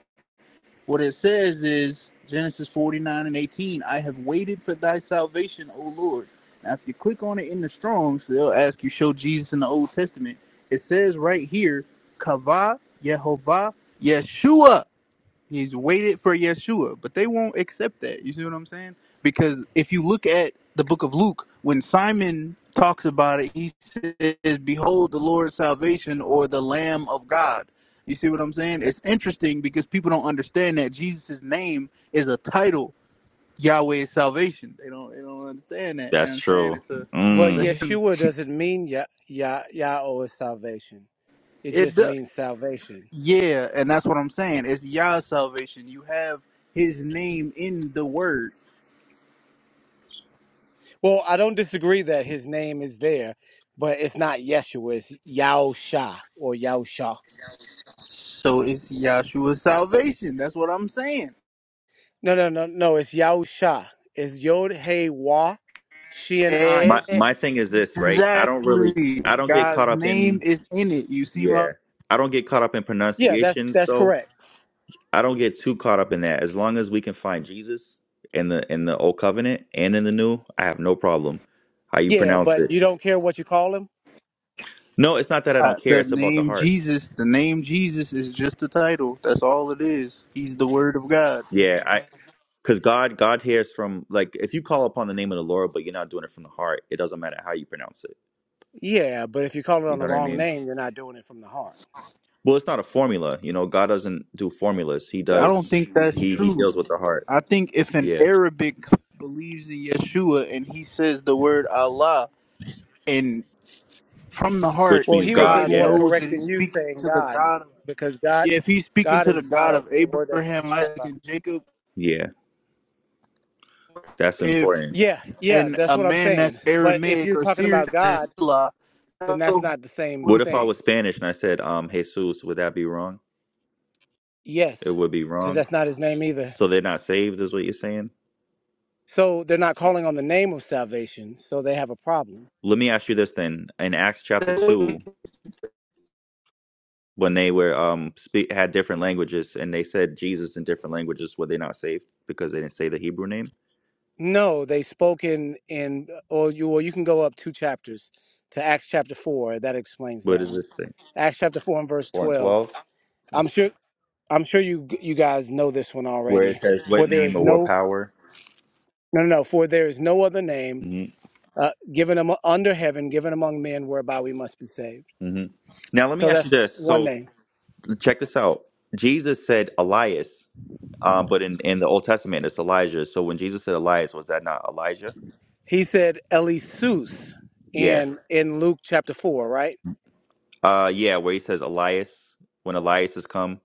E: What it says is Genesis 49 and 18, I have waited for thy salvation, O Lord. Now, if you click on it in the Strongs, they'll ask you, show Jesus in the Old Testament. It says right here, Kavah Yehovah, Yeshua. He's waited for Yeshua, but they won't accept that. You see what I'm saying? Because if you look at the book of Luke, when Simon talks about it, he says, Behold the Lord's salvation or the Lamb of God. You see what I'm saying? It's interesting because people don't understand that Jesus' name is a title, Yahweh's salvation. They don't they don't understand that. You know what
A: That's
E: I'm saying?
A: true.
E: It's a
F: Well,
E: it's a
A: Mm.
E: hymn.
F: Yeshua doesn't mean Yah Yah Yahweh is salvation. It
E: It
F: just
E: does.
F: means salvation.
E: yeah, and that's what I'm saying. It's Yah's salvation. You have his name in the word.
F: Well, I don't disagree that his name is there, but it's not Yeshua. It's Yahusha or Yahusha.
E: So it's Yahshua's salvation. That's what I'm saying.
F: No, no, no, no. It's Yahusha. It's Yod Hey Wah, Shin
A: My
F: Ayin.
A: my thing is this, right? I don't really,
E: Exactly.
A: I don't get caught
E: God's
A: up
E: name
A: in,
E: is in it. You see my
A: yeah, I don't get caught up in
F: Yeah, that's
A: pronunciations.
F: that's
A: though.
F: correct.
A: I don't get too caught up in that. As long as we can find Jesus in the in the old covenant and in the new, I have no problem how you
F: Yeah,
A: pronounce it.
F: but you don't care what you call him.
A: No, it's not that I
E: uh,
A: don't care.
E: the
A: It's about the
E: name
A: heart.
E: Jesus. The name Jesus is just a title. That's all it is. He's the Word of God.
A: Yeah, I because God God hears from like if you call upon the name of the Lord, but you're not doing it from the heart, it doesn't matter how you pronounce it.
F: Yeah, but if you call it
A: You
F: on the
A: know what I
F: wrong
A: mean?
F: name, you're not doing it from the heart.
A: Well, it's not a formula. You know, God doesn't do formulas. He
E: I don't
A: does.
E: think that's
A: He he
E: true.
A: deals with the heart.
E: I think if an
A: Yeah,
E: Arabic believes in Yeshua and he says the word Allah and from the
A: which
E: heart,
F: Well,
A: means
F: he would be
A: God.
E: God
F: more
A: Yeah,
E: knows
F: correct
E: that he's
F: than you
E: speaking
F: saying
E: to the
F: God,
E: God of
F: because God,
E: yeah, if he's speaking
F: God
E: to the
F: is not
E: God
F: a
E: of
F: a word that's
E: Abraham,
F: described
E: Isaac,
F: by.
E: and Jacob,
A: yeah, that's
E: if
A: important.
F: Yeah, yeah,
E: and
F: that's
E: a
F: what I'm
E: man that's
F: saying. But if
E: Aramaic
F: you're
E: or
F: talking
E: Syrian,
F: about God,
E: know
F: then that's
E: who
F: not the same
A: What
E: he's
A: if I
E: talking
A: was
F: thing.
A: Spanish and I said um Jesus? Would that be wrong? It
F: Yes,
A: would be
F: because
A: wrong.
F: that's not his name either.
A: So they're not saved, is what you're saying.
F: So they're not calling on the name of salvation, so they have a problem.
A: Let me ask you this then. In Acts chapter
E: to.
A: two, when they were um speak, had different languages and they said Jesus in different languages, were they not saved because they didn't say the Hebrew name?
F: No, they spoke in in or you or you can go up two chapters to Acts chapter four. That explains
A: What
F: that
A: does
F: one.
A: this say?
F: Acts chapter four and verse
A: Four and
F: twelve.
A: twelve.
F: I'm
A: Let's see
F: sure I'm sure you you guys know this one
A: where it
F: already.
A: says what
F: For there
A: name
F: is
A: or what
F: no
A: power.
F: no no no. For there is no other name
A: hmm
F: uh, given am- under heaven given among men whereby we must be saved.
A: hmm Now let me
F: So
A: ask you
F: that's
A: this.
F: one
A: So
F: name.
A: check this out. Jesus said Elias, um, but in in the Old Testament it's Elijah. So when Jesus said Elias, was that not Elijah?
F: He said Elisus
A: Yeah.
F: in in Luke chapter four, right?
A: Uh, yeah, where he says Elias when Elias has come.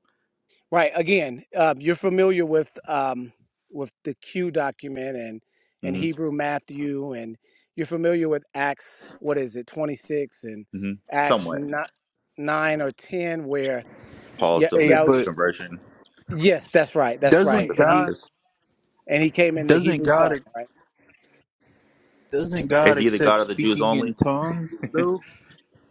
F: Right. Again, uh, you're familiar with um, with the Q document and and
A: hmm
F: Hebrew Matthew, and you're familiar with Acts. What is it? Twenty six and
A: hmm
F: Acts
A: Somewhat
F: not nine or ten, where
A: Paul's dem-
E: hey,
F: Yahusha
E: but
A: conversion
F: Yes, that's right. That's
A: on
E: doesn't
F: right. And he
E: God
A: Damascus.
F: and he came in the
E: doesn't
F: Hebrew
E: God
F: tongue, right?
E: doesn't God
A: Is he the
E: accept
A: God of the Jews
E: speaking in
A: only?
E: tongues though?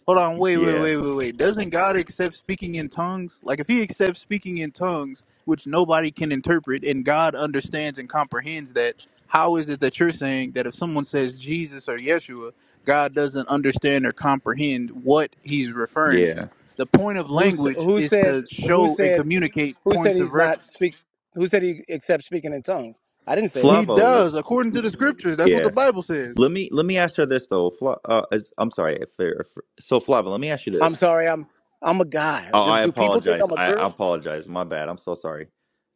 E: Hold on, wait, wait,
A: Yeah,
E: wait, wait, wait. Doesn't God accept speaking in tongues? Like, if He accepts speaking in tongues, which nobody can interpret, and God understands and comprehends that, how is it that you're saying that if someone says Jesus or Yeshua, God doesn't understand or comprehend what He's referring
A: yeah.
E: to? The point of
F: Who s-
E: language
F: who
E: is
F: said
E: to
F: who
E: show and
F: said
E: communicate
F: who said
E: points of
F: he's
E: reference.
F: not speak? Who said he except speaking in tongues? I didn't say that.
E: He
A: Flavo,
E: does, according to the scriptures. That's what the
A: yeah.
E: Bible says.
A: Let me let me ask her this though. Fla, uh, is, I'm sorry. If, if, so Flavo, let me ask you
F: I'm
A: this.
F: sorry. I'm I'm a guy.
A: Oh,
F: Do,
A: I
F: do people think
A: apologize.
F: I'm a
A: I, I
F: girl?
A: apologize. My bad. I'm so sorry.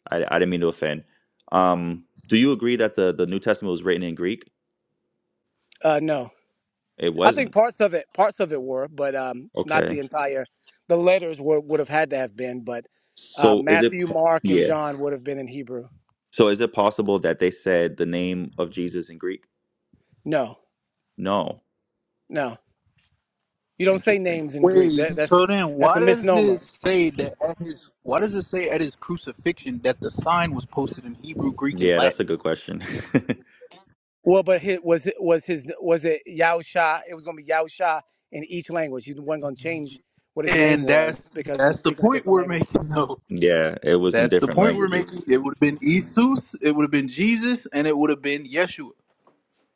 A: I, I didn't mean to offend. Um, do you agree that the the New Testament was written in Greek?
F: Uh, no.
A: It
F: I think
A: wasn't.
F: parts of it parts of it were, but um, not the
A: Okay.
F: entire. The letters were would have had to have been, but uh,
A: So is it?
F: Matthew,
A: po-
F: Mark, and
A: Yeah.
F: John would have been in Hebrew.
A: So is it possible that they said the name of Jesus in Greek?
F: No,
A: No.
F: no. You don't say
A: Interesting.
F: names in Greek.
E: Wait,
F: That, that's
E: so then
F: that's
E: why
F: a
E: does it
F: misnomer.
E: say that at his why does it say at his crucifixion that the sign was posted in Hebrew, Greek, and
A: Yeah, that's a
E: Latin?
A: good question.
F: Well, but his, was it was his was it Yao Sha? It was going to be Yao Sha in each language. He wasn't going to change what his name
E: And that's
F: was because he was
E: that's the
F: speaking a
E: point
F: different
E: we're
F: language.
E: making though.
A: yeah, it was in
E: That's the
A: different
E: point we're
A: languages.
E: making. It would have been Jesus, it would have been Jesus, and it would have been Yeshua.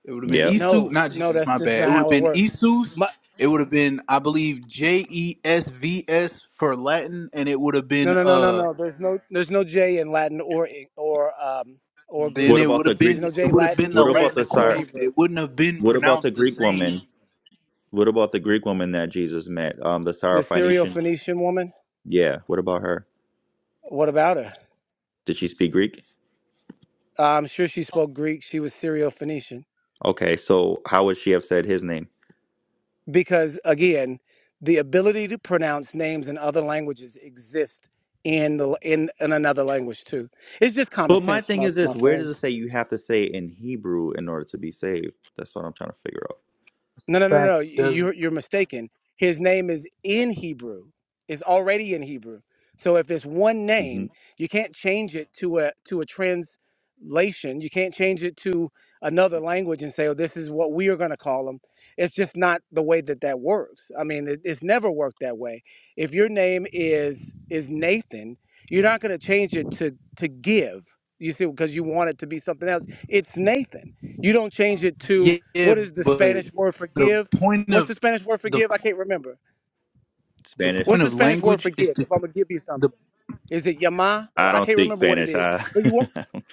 E: It would have been
A: Yeah.
E: Isu,
F: No,
E: not
F: no,
E: Jesus,
F: that's
E: my
F: this is
E: bad. It
F: not
E: would have
F: how it
E: been
F: works.
E: Isus.
F: My,
E: It would have been, I believe, J E S V S for Latin, and it would have
F: no,
E: been
F: no, no, no,
E: uh
F: no. There's no there's no J in Latin or Eng- or um or
E: then
A: What
F: Greek.
E: it
A: about
E: would
A: the
E: have
F: There's
E: been
F: no
A: Greeks?
E: it
F: J
E: would have been
F: Latin,
E: the
A: What
F: Greek,
A: about
E: Latin
A: the
F: or
A: Syr?
E: equivalent.
F: Hebrew.
E: It wouldn't have been
A: What about the
E: pronounced the
A: Greek
E: same.
A: woman? What about the Greek woman that Jesus met? Um, the
F: The
A: Syrophoenician.
F: Syro-Phoenician woman.
A: Yeah. What about her?
F: What about her?
A: Did she speak Greek?
F: Uh, I'm sure she spoke Greek. She was Syro-Phoenician.
A: Okay. So how would she have said his name?
F: because again the ability to pronounce names in other languages exists in the in, in another language too it's just common
A: But my
F: sense
A: thing
F: my,
A: is
F: my
A: this: Where does
F: friends
A: it say you have to say it in Hebrew in order to be saved? That's what I'm trying to figure out.
F: No,
E: In
F: no, no, no.
E: fact, it doesn't.
F: You're you're mistaken. His name is in Hebrew. It's already in Hebrew. So if it's one
A: hmm
F: name, you can't change it to a to a translation. You can't change it to another language and say, "Oh, this is what we are going to call him." It's just not the way that that works. I mean, it, it's never worked that way. If your name is is Nathan, you're not going to change it to to give. You see, because you want it to be something else. It's Nathan. You don't change it to
E: Yeah,
F: what is the
E: but
F: Spanish word for
E: the
F: give?
E: point
F: What's
E: of
F: the Spanish word for
E: the
F: give? I can't remember.
E: the
A: Spanish.
E: point
F: What's the
E: of
F: Spanish word
E: language
F: for
E: is
F: give?
E: to
F: If I'm gonna give you
E: the
F: something, is it yama? Or
A: I
F: I
A: don't
F: can't
A: speak
F: remember what it
A: Spanish.
F: is.
A: I.
F: But you won't.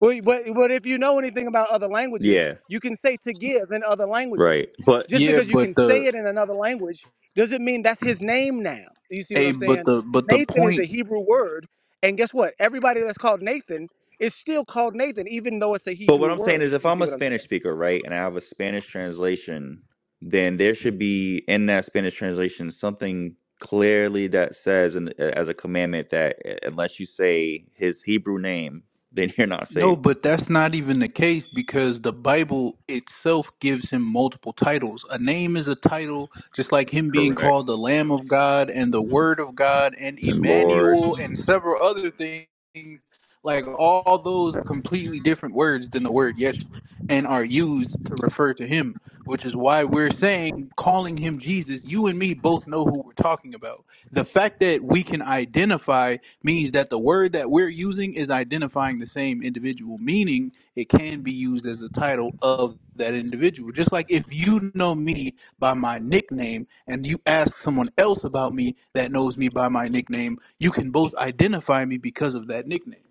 F: But, but but if you know anything about other languages,
A: yeah.
F: you can say to give in other
A: Right.
F: languages.
A: But
F: Just
E: yeah,
F: because you can
E: but
F: say
E: the
F: it in another language doesn't mean that's his name now. Do you see what
E: a
F: I'm
E: but
F: saying?
E: the but the
F: Nathan is
E: point
F: a Hebrew word, and guess what? Everybody that's called Nathan is still called Nathan, even though it's a
A: But
F: Hebrew
A: what I'm saying
F: word.
A: is, if
F: You see
A: I'm a
F: what I'm saying?
A: Spanish speaker, right, and I have a Spanish translation, then there should be in that Spanish translation something clearly that says, and as a commandment, that unless you say his Hebrew name, then you're not
E: No,
A: saved.
E: but that's not even the case because the Bible itself gives him multiple titles. A name is a title, just like him being called the
A: Correct.
E: Lamb of God and the Word of God and
A: And Lord,
E: Emmanuel and several other things. Like all those are completely different words than the word Yeshua and are used to refer to him, which is why we're saying, calling him Jesus. You and me both know who we're talking about. The fact that we can identify means that the word that we're using is identifying the same individual, meaning it can be used as the title of that individual. Just like if you know me by my nickname and you ask someone else about me that knows me by my nickname, you can both identify me because of that nickname.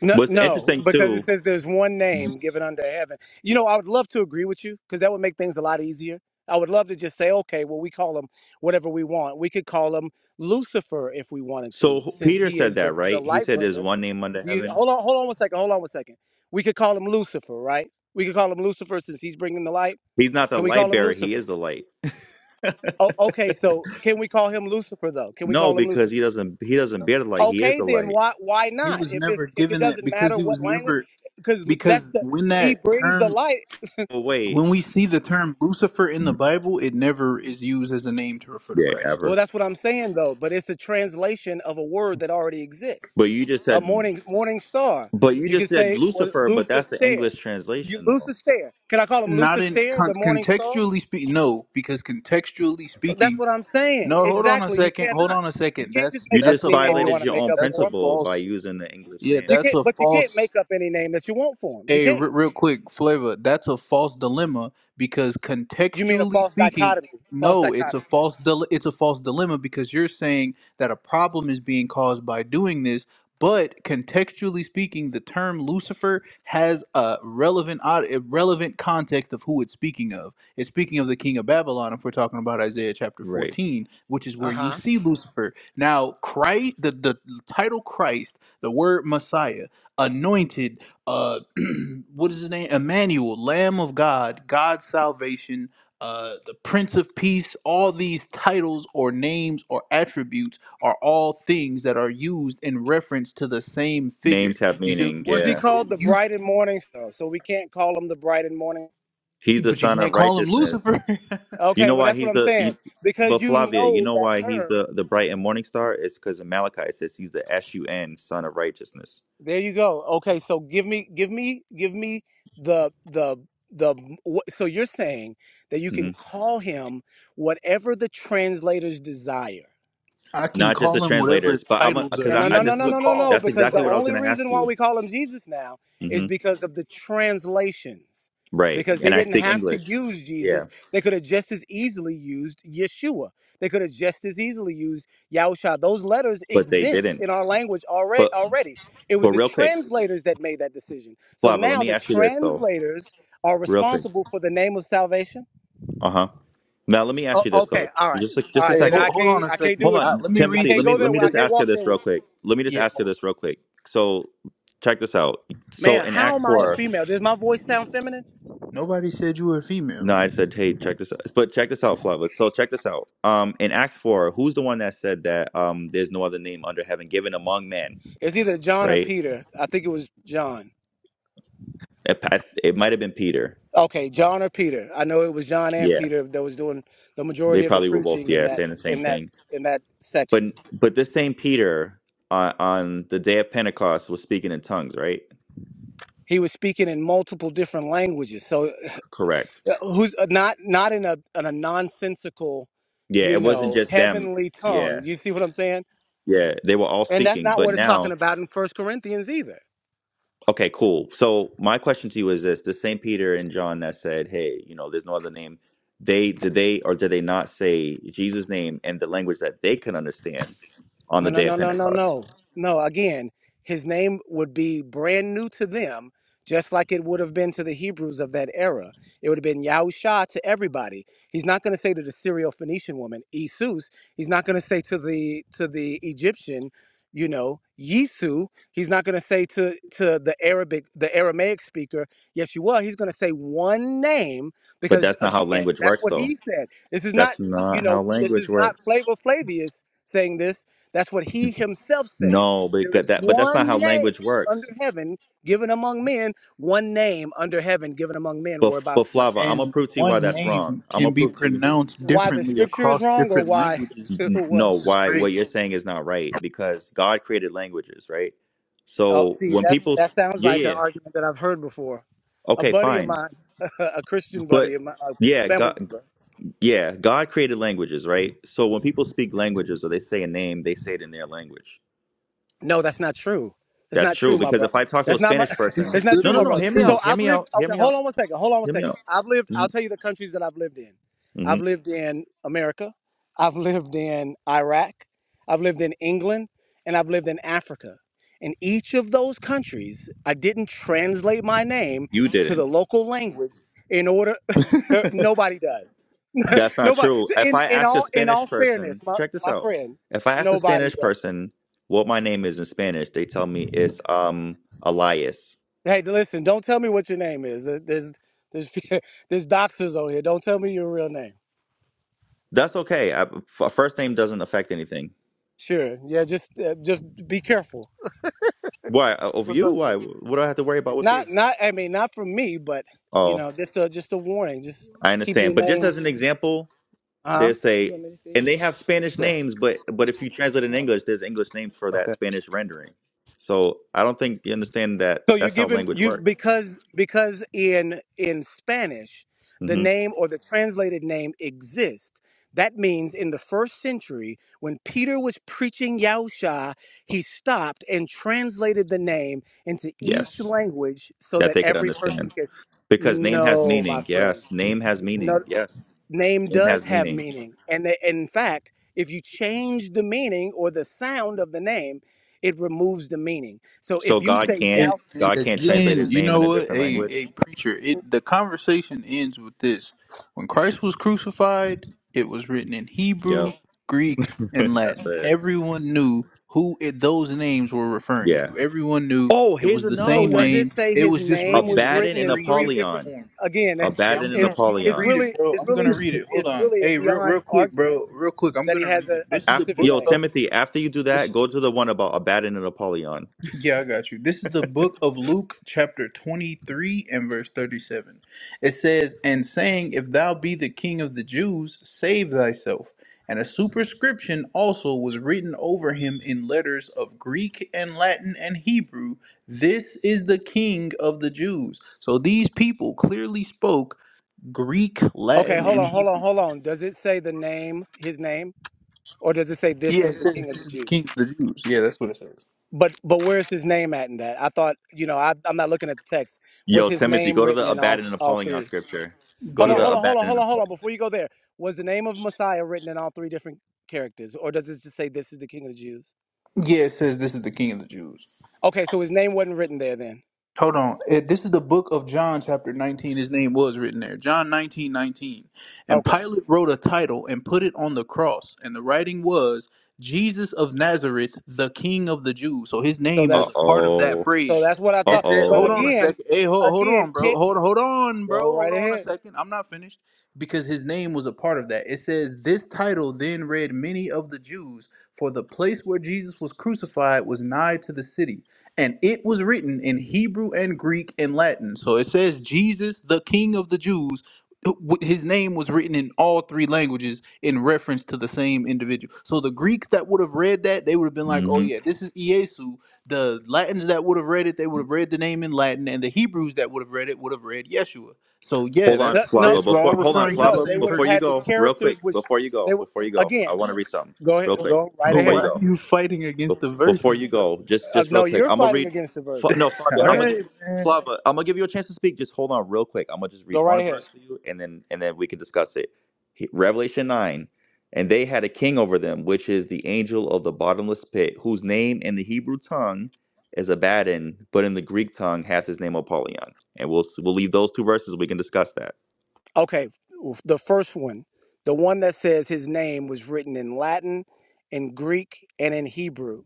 F: No,
A: what's
F: no,
A: interesting
F: because it
A: too.
F: says there's one name given under heaven. You know, I would love to agree with you because that would make things a lot easier. I would love to just say, okay, well, we call him whatever we want. We could call him Lucifer if we wanted to,
A: So
F: since
A: Peter
F: he
A: said
F: is the,
A: that,
F: the
A: right? He
F: light
A: said, "There's
F: bringer.
A: one name under
F: You,
A: heaven."
F: hold on, hold on one second. Hold on one second. We could call him Lucifer, right? We could call him Lucifer since he's bringing the light.
A: He's not the
F: Can we call
A: light
F: him
A: bearer; he
F: Lucifer?
A: is the light.
F: Oh, okay, so can we call him Lucifer, though? Can we
A: No,
F: call him
A: because he
F: Lucifer?
A: doesn't. He doesn't bear the light. He is
F: Okay,
A: the
F: then
A: light.
F: why why
E: He
F: not?
E: was
F: If
E: never
F: it's if it
E: given that
F: doesn't
E: because
F: matter
E: he
F: what
E: was
F: language,
E: never,
F: because that's
E: because
F: the
E: when
F: he
E: that
F: brings the
E: term,
F: light.
A: Oh wait,
E: when we see the term Lucifer in the Bible, it never is used as a name to refer to
A: yeah,
E: Christ.
F: Well,
A: ever.
F: that's what I'm saying though. But it's a translation of a word that already exists.
A: But you just
F: A
A: said.
F: morning morning star.
A: But you
F: You
A: just
F: could
A: said
F: say well,
A: Lucifer, but
F: Lucis
A: that's the
F: stare.
A: English
F: You
A: translation, though.
F: Lucis stare. Can I call him
E: not
F: Lucis
E: in
F: stare?
E: con-
F: The morning star.
E: contextually speaking no because contextually
F: That's
E: speaking
F: what I'm saying.
E: no hold on a
F: Exactly. You
E: second hold
F: cannot.
E: on a
F: You
E: second
F: can't just
E: that's
F: make
A: You
F: up
E: that's
A: just
E: a
F: any name you
A: violated
F: want to
E: false
A: your
F: make
A: own
F: up
E: that's a
F: for him.
A: principle by
E: false
A: using the English
E: yeah
A: name.
F: You
E: that's
F: can't.
E: a
F: But you can't
E: false
F: make up any name that you want for him. You
E: Hey,
F: can't.
E: re- real quick, Flavor, that's a false dilemma because
F: You mean a
E: contextually
F: false
E: speaking,
F: dichotomy? False
E: no, it's a
F: dichotomy.
E: false dile- it's a false dilemma because you're saying that a problem is being caused by doing this, but contextually speaking, the term Lucifer has a relevant od- a relevant context of who it's speaking of. It's speaking of the king of Babylon if we're talking about Isaiah chapter
A: Right.
E: 14, which is
F: Uh
E: where
F: huh.
E: you see Lucifer. Now, Christ the, the title Christ, the word Messiah, anointed uh what is his name emmanuel lamb of god god's salvation uh the prince of peace all these titles or names or attributes are all things that are used in reference to the same figure
A: Names have
E: you see what
A: meaning.
E: i'm
F: Was he
E: saying
A: Yeah.
E: so
F: called the
E: you
F: bright and morning star? So we can't call him the bright and morning.
A: He's the
E: but you
A: son
E: can't
A: of
E: call him
A: righteousness.
E: lucifer
A: You
F: Okay,
A: know
F: well
A: why
F: that's what
A: he's
F: I'm
A: the.
F: saying
A: You,
F: because
A: but
F: you
A: Flavia, you
F: know
A: know
F: that
A: why he's
F: term.
A: the the bright and morning star? It's because in Malachi it says he's the S U N, son of righteousness.
F: There you go. Okay, so give me, give me, give me the the the. wh- So you're saying that you can
A: hmm
F: call him whatever the translators desire.
E: i can
A: Not just the
E: call him whatever
A: translators, but I'm
E: titles are
A: because
F: No, no,
A: I, I
F: no, no,
A: this
E: used
A: is
F: no,
E: to
A: what,
F: no, no,
E: call
F: no.
E: him
A: that's
E: in the
F: Because
A: exactly
F: the
A: what I
E: bible
A: was
F: only
A: gonna ask
F: reason why
A: you.
F: we call him Jesus now is
A: hmm
F: because of the translations.
A: Right,
F: Because they
A: and I
F: didn't
A: speak
F: have to
A: English.
F: use
A: Yeah,
F: Jesus. They could have just as easily used Yeshua. They could have just as easily used Yahusha. Those letters
A: but they
F: exist
A: didn't.
F: in our language already
A: But
F: already. It was
A: but
F: the
A: real quick,
F: translators that made that decision. So
A: Flava, let
F: now
A: me
F: the
A: ask you this though,
F: translators are
A: real quick.
F: responsible for the name of salvation.
A: Uh huh. Now let me ask
F: Oh,
A: you this
F: okay,
A: though,
F: all right.
A: just a,
F: All
A: just a
F: right,
E: hey
F: then
E: hold,
A: second.
F: I
E: hold
F: can't
E: on a
F: I can't
E: second
F: do
A: Hold
F: it.
E: I,
A: on,
E: let me
F: I
E: read
A: Timothy.
F: can't
A: Let
E: this
A: me
F: go
A: let
E: real
F: there.
A: me
F: I
A: just
E: quick
F: can't
A: ask you
F: walk there
A: this
F: with
A: real
F: you.
A: quick. Let me just
E: yeah
A: ask you this real quick. So check this out. So
F: Man,
A: in
F: how
A: Acts
F: am I a
A: four,
F: female? Does my voice sound feminine?
E: nobody said you were
A: no,
E: female
A: I said, hey, check this out. But check this out, Flava. So check this out. Um, in Acts four, who's the one that said that um, there's no other name under heaven given among men,
F: It's either John or
A: right?
F: Peter. I think it was John.
A: It, it might have been Peter.
F: Okay, John or Peter. I know it was John and
A: Yeah,
F: Peter that was doing the
A: they
F: majority of the
A: probably were both
F: preaching in
A: yeah
F: that
A: saying the same
F: in that
A: thing.
F: in that
A: But
F: section.
A: but this same Peter on, on the day of Pentecost was speaking in tongues, right? C-
F: He was speaking in multiple different languages. So uh,
A: Correct.
F: who's uh, not not in a in a nonsensical,
A: Yeah,
F: you
A: it wasn't
F: know,
A: just them.
F: heavenly tongue.
A: Yeah,
F: You see what I'm saying?
A: yeah, they were all
F: And that's
A: speaking.
F: not
A: But
F: what it's talking
A: now,
F: about in First Corinthians either.
A: okay, cool. So my question to you is this: the same Peter and John that said, "Hey, you know, there's no other name." They did they or did they not say Jesus' name in the language that they could understand on
F: No,
A: the
F: no,
A: day
F: no,
A: of
F: no, no,
A: Pentecost?
F: no. No, again, his name would be brand new to them, just like it would have been to the Hebrews of that era. It would have been Yahusha to everybody. He's not going to say to the Syro Phoenician woman, Isus. He's not going to say to the to the Egyptian, you know, Yisu. He's not going to say to to the Arabic, the Aramaic speaker, Yeshua. He's going to say one name
A: But
F: because
A: that's not how
F: again,
A: language
F: that's
A: works,
F: what
A: though.
F: he said. This is not,
A: That's
F: you
A: not how
F: know, this is
A: language
F: not
A: works.
F: Flavor Flavius saying this that's what he himself said.
A: No, but
F: There
A: got
F: is
A: that. But that's not
F: one
A: how
F: name
A: language
F: under
A: works.
F: heaven given among men, one name under heaven given among men
A: But
F: whereby we
A: but
F: must.
A: Flava, I'm gonna
E: And
A: prove to you
E: one
A: why that's wrong.
E: name
A: I'm
E: can
A: gonna
E: be
A: prove to you.
E: pronounced
F: Why the
E: differently
F: scripture is
E: across
F: wrong or
E: different
F: why
E: languages.
A: N-
F: what?
A: No,
E: This is
A: why what
E: crazy.
A: you're saying is not right because God created languages, right?
F: Oh,
A: So
F: see,
A: when
F: that's
A: people,
F: that sounds
A: yeah,
F: like an
A: yeah, yeah.
F: argument that I've heard before. A
A: okay,
F: buddy of
A: fine,
F: mine, a Christian
A: but
F: buddy of mine, a
A: yeah,
F: family
A: God,
F: member.
A: yeah, God created languages, right? So when people speak languages or they say a name, they say it in their language.
F: No, that's not true. It's
A: That's
F: not true,
A: true
F: my
A: because
F: brother.
A: if I talk to
F: That's
A: a
F: not my.
A: Spanish
E: This
A: person,
E: is
F: It's not
A: no,
F: true,
A: no,
F: my
A: no,
E: literally
F: brother.
A: hear me
E: true.
F: So
A: out, hear
F: I've
A: me
F: lived.
A: out, hear
F: Okay,
A: me
F: hold
A: out,
F: on one second. Hold on one
A: hear me
F: second.
A: out.
F: I've lived. I'll tell you the countries that I've lived in.
A: hmm
F: I've lived in America. I've lived in Iraq. I've lived in England, and I've lived in Africa. In each of those countries, I didn't translate my name
A: You
F: to
A: didn't.
F: the local language in order. nobody does.
A: That's not
F: nobody.
A: true. If
F: In
A: I
F: in
A: ask a
F: all in
A: Spanish
F: all fairness,
A: person,
F: my
A: check this
F: my
A: out.
F: friend,
A: If I ask a
F: nobody
A: Spanish
F: does.
A: person what my name is in Spanish, they tell me it's um Elias.
F: Hey, listen, don't tell me what your name is. There- There's there's there's doctors on here. Don't tell me your real name.
A: That's okay. I, f- first name doesn't affect anything.
F: Sure. Yeah, just uh, just be careful.
A: Why? Uh, Of
F: What's
A: you?
F: up, Chief?
A: Why? What do I have to worry about with you?
F: Not not I mean not from me, but you
A: Oh,
F: know, just a just a warning. Just
A: I
F: keep your
A: understand. But just
F: name.
A: as an example,
F: Uh-huh.
A: they say, and they have Spanish
F: Yeah.
A: names, but but if you translate in English, there's English names for that Spanish rendering. So I don't think you understand that.
F: So you're
A: That's how
F: given
A: language
F: you
A: works.
F: because because in in Spanish the
A: hmm
F: name or the translated name exists. That means in the first century when Peter was preaching Yahusha, he stopped and translated the name into each
A: Yes,
F: language so
A: that
F: that
A: they could
F: every person
A: understand.
F: could
A: Because name has
F: no, my
A: meaning.
F: friend.
A: Yes, name has
F: No
A: meaning. Yes,
F: name
A: name
F: does
A: has
F: have
A: meaning.
F: meaning. And they, in fact, if you change the meaning or the sound of the name, it removes the meaning. So
A: So
F: if you
A: God
F: say
E: Hey,
A: can't
F: Yah,
E: and
A: God can't
F: so
A: translate
E: again,
A: His
E: you
A: name
E: know
A: in a
E: what?
A: different
E: Hey, hey,
A: language.
E: preacher. It the conversation ends with this: when Christ was crucified, it was written in Hebrew,
A: Yep,
E: Greek, and
A: that's
E: Latin.
A: it.
E: Everyone knew who it, those names were referring
A: Yeah.
E: to. Everyone knew
A: Oh,
E: it
A: here's
E: was the
A: another
F: So
E: same
F: does
A: one.
F: it
E: name.
F: say
E: It was
F: his
E: just
F: name
E: written
F: was
E: in its
A: Abaddon
F: written
A: and
F: in
E: three
F: three
E: different
F: different?
A: Apollyon.
E: forms.
F: Again,
E: Yeah, I'm
A: Abaddon and
E: gonna
F: it's
E: I'm gonna
F: it's
A: Apollyon.
E: read it,
F: really
E: bro.
F: it's
E: I'm
F: really
E: gonna read it. Hold
F: it's
E: on.
F: really
E: Hey, real real
F: beyond
E: quick,
F: argument
E: bro. Real quick, I'm
F: that he
E: gonna
F: has
E: read it.
F: a, a
E: This is the
A: After,
F: specific
E: book
A: yo,
F: name.
E: of
A: Timothy, after you do
E: this
A: that,
E: is
A: go to the one about Abaddon and Apollyon.
E: yeah, I got you. This is the book of Luke, chapter 23 and verse 37. It says, And saying, If thou be the king of the Jews, save thyself. And a superscription also was written over him in letters of Greek and Latin and Hebrew. This is the king of the Jews. So these people clearly spoke Greek,
F: Okay,
E: Latin,
F: hold
E: and
F: on, hold on,
E: Hebrew.
F: hold on. Does it say the name, his name, or does it say this
E: Yeah, it
F: is the
E: says
F: King of
E: this
F: the
E: is the
F: Jews?
E: king of the Jews. Yeah, that's what it says.
F: But but where's his name at in that? I thought you know I, I'm not looking at the text. Was
A: Yo,
F: his
A: Timothy,
F: name
A: go to
F: written
A: the
F: in all
A: Abaddon and
F: all
A: Apollyon
F: three?
A: scripture. Go
F: Hold
A: to
F: on,
A: the
E: Yeah.
F: hold on, hold on,
A: Abaddon and
F: hold on, hold on.
A: Apollyon.
F: Before you go there, was the name of Messiah written in all three different characters, or does it just say this is the King of the Jews?
E: Yeah, it says this is the king of the Jews.
F: Okay, so his name wasn't written there then.
E: Hold on. It, this is the book of John, chapter 19. His name was written there. John 19 19, And
F: Okay,
E: Pilate wrote a title and put it on the cross. And the writing was Jesus of Nazareth, the King of the Jews. So his
F: so
E: name
A: Uh
F: that
E: was a part of that
A: oh.
F: so
E: phrase.
F: that's what I
E: It
F: thought.
E: said,
F: But
E: hold
A: Uh
E: on a
F: again,
E: second. Hey, hold, hold
F: again,
E: on, bro.
F: Kit,
E: Hold, hold on, bro.
F: go right
E: Hold on a
F: ahead.
E: second. I'm not finished because his name was a part of that. It says, This title then read many of the Jews, for the place where Jesus was crucified was nigh to the city and it was written in Hebrew and Greek and Latin. So it says Jesus, the King of the Jews. w- His name was written in all three languages in reference to the same individual. So the Greeks that would have read that, they would have been like,
A: oh.
E: "Oh yeah, this is Iesu." The Latins that would have read it, they would have read the name in Latin, and the Hebrews that would have read it would have read Yeshua. So yeah,
A: Hold on,
F: No,
E: that's
F: no,
A: Flava.
E: that's we're all
A: Before hold on,
E: referring to the
F: no
A: Flava.
F: they
E: same
F: would have
A: Before
E: person.
A: you
F: had the
A: go, real
F: characters
A: quick.
F: which
A: Before you
F: they
A: go,
F: would
A: before you go, I
F: again
A: want to read something
F: go ahead,
A: real quick.
F: go right
A: Before
E: Why
A: you
F: ahead.
E: are
A: go,
E: you fighting against the
A: Bef- before
E: verses,
A: you
E: bro?
A: go, just
F: Uh,
A: just real
F: no,
A: quick.
F: you're
A: I'm gonna
F: fighting
A: read.
F: against the
A: F-
F: verses.
A: No,
E: All
F: Go
A: Flavia. I'm gonna
F: ahead,
A: give
E: right, man.
A: Flava. I'm gonna give you a chance to speak. Just hold on, real quick. I'm gonna just
F: go
A: read
F: right
A: one
F: ahead.
A: verse for you, and then and then we can discuss it. He- Revelation nine, and they had a king over them, which is the angel of the bottomless pit, whose name in the Hebrew tongue is Abaddon, but in the Greek tongue hath his name Apollyon. And we'll s- we'll leave those two verses. We can discuss that.
F: Okay, the first one, the one that says his name was written in Latin, in Greek, and in Hebrew.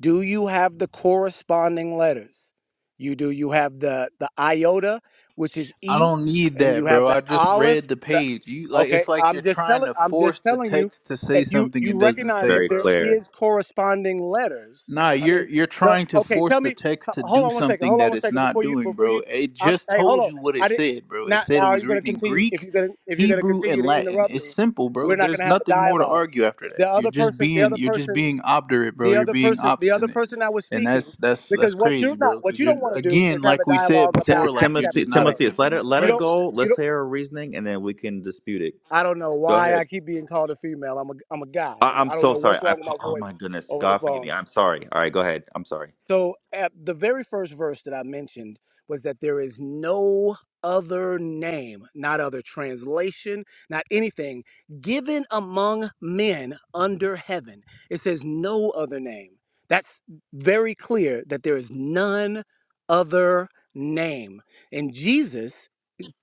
F: Do you have the corresponding letters? You do. You have the the iota, which is
E: I
F: E,
E: don't need
F: and
E: that,
F: you have
E: bro.
F: the
E: I just
F: olive.
E: read the
F: The,
E: page. You like it's
F: okay,
E: like you're
F: I'm just
E: trying
F: telling.
E: to
F: I'm
E: force
F: just
E: the
F: telling you.
E: text to say
F: If you
E: something
F: you
E: it doesn't
F: recognize
E: say,
F: that
A: Very
F: there
E: bro.
A: clear.
F: is corresponding letters,
E: Nah,
F: I
E: you're
F: mean,
E: you're
F: the
E: trying to
F: okay.
E: force
F: Tell
E: the
F: me. h-
E: text to
F: Hold
E: do
F: on one second.
E: something
F: Hold on
E: that
F: one
E: it's
F: second
E: not
F: before you
E: doing,
F: before
E: bro.
F: you.
E: It
F: Um,
E: just
F: hey, hold
E: told
F: on.
E: you what it
F: I did
E: said, bro. It
F: not.
E: said it
F: Now are
E: was
F: you going to
E: written in
F: continue? If
E: Greek,
F: you're going to if you're going to
E: Hebrew, and
F: continue to
E: Latin.
F: interrupt
E: It's
F: me,
E: simple, bro.
F: we're not going
E: There's
F: to have a
E: nothing more to
F: dialogue.
E: argue after that.
F: The
E: You're
F: other
E: just
F: person. The
E: being
F: other
E: you're just
F: person
E: being obdurate, bro.
F: the
E: You're
F: other
E: being
F: person the other
E: obstinate.
F: person that was
E: And that's
F: speaking
E: that's that's
F: because what
E: crazy,
F: you're not
E: bro,
F: what
E: cuz
F: you
E: you're
F: don't want to do is
E: again,
F: have
E: like
F: a
E: we said
F: dialogue
A: T-
F: about
E: before, like
F: acts
E: you're
F: chapter
A: Timothy,
E: just not
F: 12
A: Timothy, let
E: accepting
A: her
E: what the
A: let
F: you
A: her
F: don't
E: Bible
A: go.
E: says.
F: you
A: Let's
F: don't
A: hear her reasoning, and then we can dispute it.
F: i don't know
A: Go
F: why
A: ahead.
F: i keep being called a female i'm a i'm a guy
A: I,
F: I'm,
A: I'm
F: i don't
A: so
F: know
A: sorry.
F: what's
A: I
F: wrong with
A: apo-
F: my
A: oh my
F: voice
A: goodness,
F: over the
A: God forgive me.
F: phone
A: I'm sorry. All right, go ahead. I'm sorry.
F: So, at the very first verse that I mentioned was that there is no other name, not other translation, not anything given among men under heaven. It says no other name. That's very clear that there is none other name. And Jesus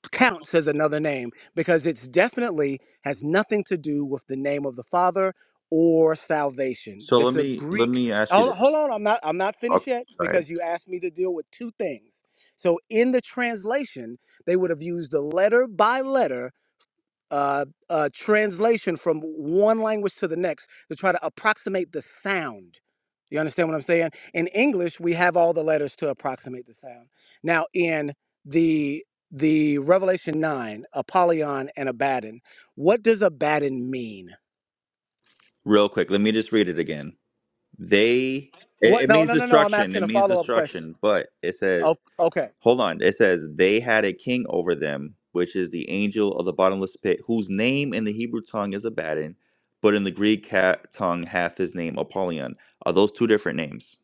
F: counts as another name because it's definitely has nothing to do with the name of the Father or salvation.
A: So let
F: This a
A: me let
F: Greek.
A: me ask you
F: Hold,
A: this.
F: hold on, I'm not I'm not finished
A: Okay,
F: yet
A: go ahead.
F: because you asked me to deal with two things. So in the translation, they would have used the letter by letter uh, uh, translation from one language to the next to try to approximate the sound. You understand what I'm saying? In English, we have all the letters to approximate the sound. Now, in the the Revelation nine, Apollyon and Abaddon, what does Abaddon mean?
A: Real quick, let me just read it again. They it,
F: What?
A: it
F: No,
A: means
F: no, no, no. I'm
A: destruction.
F: asking
A: It
F: a
A: means
F: follow up question.
A: destruction. But it
F: O-
A: says,
F: okay.
A: hold on. It says they had a king over them, which is the angel of the bottomless pit, whose name in the Hebrew tongue is Abaddon, but in the Greek ca- tongue hath his name Apollyon. Are those two different names?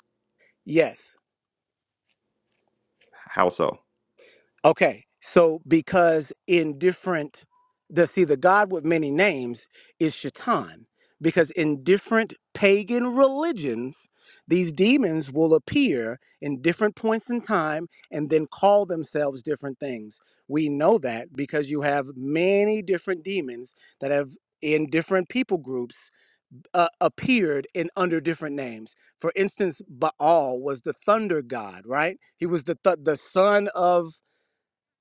F: Yes.
A: How so?
F: Okay, so because in different, the see the God with many names is Shaitan, because in different pagan religions, these demons will appear in different points in time and then call themselves different things. We know that because you have many different demons that have in different people groups uh, appeared in under different names. For instance, Baal was the thunder god, right? He was the th- the son of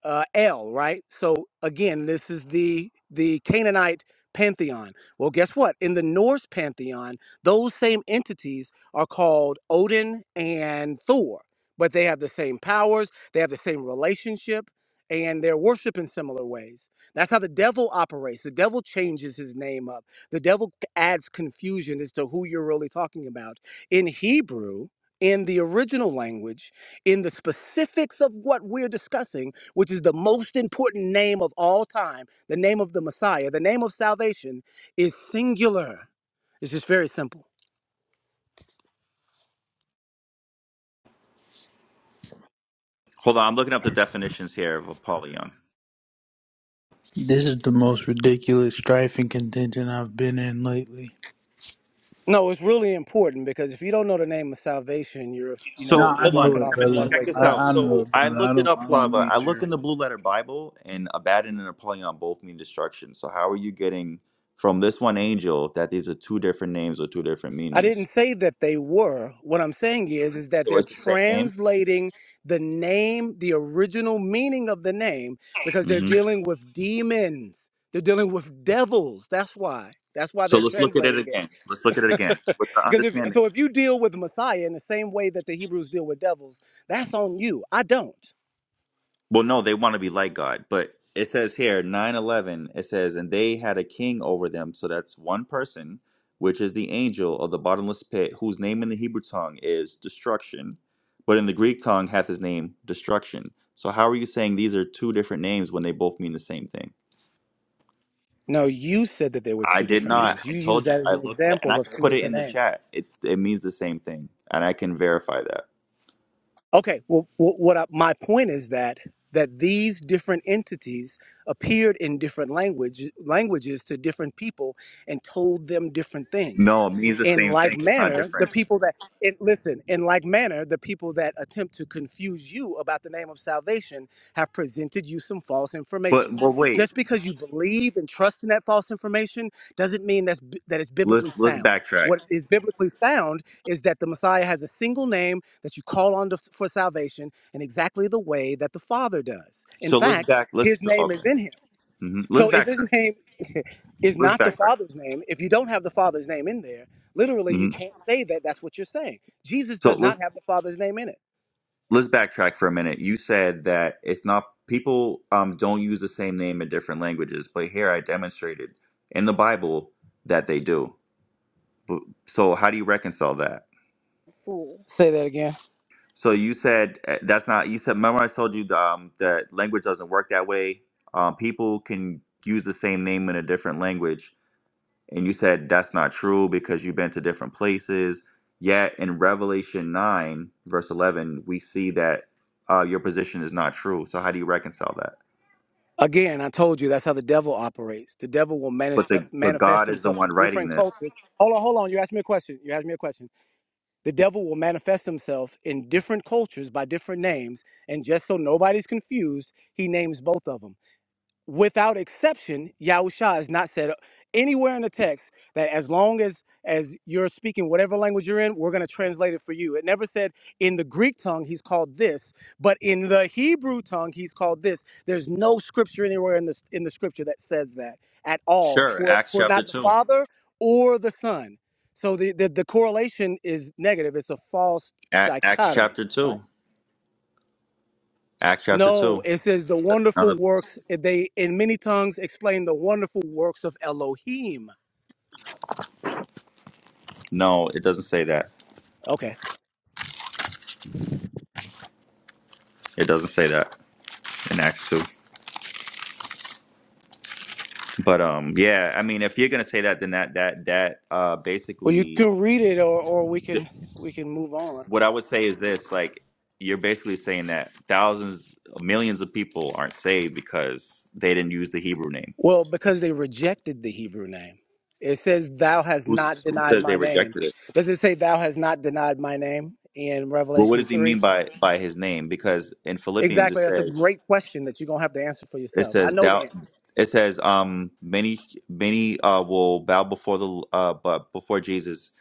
F: uh, El, right? So again, this is the the Canaanite pantheon. Well, guess what? In the Norse pantheon, those same entities are called Odin and Thor, but they have the same powers, they have the same relationship, and they're worshipped in similar ways. That's how the devil operates. The devil changes his name up. The devil c- adds confusion as to who you're really talking about. In Hebrew, in the original language, in the specifics of what we're discussing which is the most important name of all time, the name of the Messiah, the name of salvation, is singular. It's just very simple.
A: Hold on, I'm looking up the definitions here of Apollyon.
E: This is the most ridiculous strifing contention I've been in lately.
F: No, it's really important because if you don't know the name of salvation, you're you know
A: So
E: Nah, I
F: you're
A: hold on,
E: know
F: walking
E: it,
F: off a
A: Timothy,
E: brother.
A: check
F: one-way
A: this
F: cliff.
A: out.
E: I, I know
A: So
E: it,
A: I
E: brother. I
A: looked it
E: don't
A: up,
E: I don't
A: Flava. I
E: need your
A: looked in the Blue Letter Bible, and Abaddon and Apollyon both mean destruction. So how are you getting from this one angel that these are two different names or two different
F: I didn't
A: meanings?
F: say that they were. What I'm saying is is that
A: So
F: they're
A: it's the same name.
F: translating the name, the original meaning of the name, because they're
A: hmm
F: dealing with demons. They're dealing with devils. That's why. That's why
A: So
F: they're
A: let's look at it
F: translating it
A: again. Let's look at it again with the
F: Because if
A: understanding.
F: so, if you deal with Messiah in the same way that the Hebrews deal with devils, that's on you. I don't.
A: Well, no, they want to be like God, but it says here 9:11 it says and they had a king over them, so that's one person, which is the angel of the bottomless pit, whose name in the Hebrew tongue is destruction, but in the Greek tongue hath his name destruction. So how are you saying these are two different names when they both mean the same thing?
F: No, you said that there were
A: I
F: two
A: did
F: different
A: not.
F: names.
A: I
F: You used
A: told you
F: that as
A: I
F: an
A: looked at and
F: example
A: I
F: of
A: can
F: two
A: put it in
F: different
A: the
F: names.
A: chat. It's it means the same thing and I can verify that.
F: Okay, well, wh- what I, my point is that that these different entities appeared in different language languages to different people and told them different things.
A: No, it means the
F: In
A: same
F: like
A: thing. It's not
F: manner, the
A: different.
F: people that and listen, in like manner, the people that attempt to confuse you about the name of salvation have presented you some false
A: But
F: information.
A: but wait.
F: Just because you believe and trust in that false information doesn't mean that's, bi- that it's biblically
A: Let's let's
F: sound.
A: backtrack.
F: What is biblically sound is that the Messiah has a single name that you call on to, for salvation in exactly the way that the Father does. In
A: So let's
F: fact,
A: back.
F: his
A: Let's
F: name
A: okay.
F: is in him.
A: hmm Let's
F: So if his
A: backtrack.
F: name is
A: Let's
F: not the
A: backtrack.
F: Father's name, if you don't have the Father's name in there, literally you
A: hmm
F: can't say that that's what you're saying. Jesus
A: So
F: does not
A: let's
F: have the Father's name in it.
A: let's backtrack for a minute. You said that it's not people um, don't use the same name in different languages, but here I demonstrated in the Bible that they do. But- So how do you reconcile that?
F: Fool. Say that again.
A: So you said uh, that's not. You said remember I told you um, that language doesn't work that way. Um, people can use the same name in a different language and you said that's not true because you've been to different places. Yet in Revelation 9, verse 11, we see that uh, your position is not true. So how do you reconcile that?
F: Again, I told you that's how the devil operates. The devil will
A: But
F: manif-
A: the but
F: manifest
A: God is the
F: himself to
A: one writing
F: different
A: this.
F: cultures. Hold on, hold on. You asked me a question. You asked me a question. The devil will manifest himself in different cultures by different names, and just so nobody's confused, he names both of them without exception, Yahusha is not said anywhere in the text that as long as as you're speaking whatever language you're in, we're going to translate it for you. It never said in the Greek tongue he's called this, but in the Hebrew tongue he's called this. There's no scripture anywhere in the in the scripture that says that at all
A: Sure,
F: for
A: Acts
F: for
A: chapter
F: not the
A: 2.
F: Father or the Son. So the the, the correlation is negative. It's a false
A: A- Acts
F: dichotomy.
A: chapter 2. Acts chapter
F: No,
A: 2.
F: it says the
A: Another
F: wonderful
A: place.
F: works eh, they in many tongues explain the wonderful works of Elohim.
A: No, it doesn't say that.
F: Okay.
A: It doesn't say that in Acts 2. But um, yeah, I mean, if you're gonna say that, then that that that uh
F: Well, you
A: basically.
F: can read it or or we can we can move on.
A: what I would say is this: like you're basically saying that thousands, millions of people aren't saved because they didn't use the Hebrew name.
F: Well, because they rejected the Hebrew name. It says thou hast
A: Who,
F: not
A: who
F: denied
A: says
F: my
A: they
F: name.
A: rejected it?
F: Does it say thou hast not denied my name in
A: Well, what
F: Revelation
A: does he
F: 3?
A: mean by by his name? Because in Philippians it
F: Exactly. That's a
A: says
F: great question that you're going to have to answer for
A: it
F: yourself. I
A: says
F: know the
A: doubt.
F: answer.
A: It says, um, many, many uh, will bow before the uh, but before Jesus,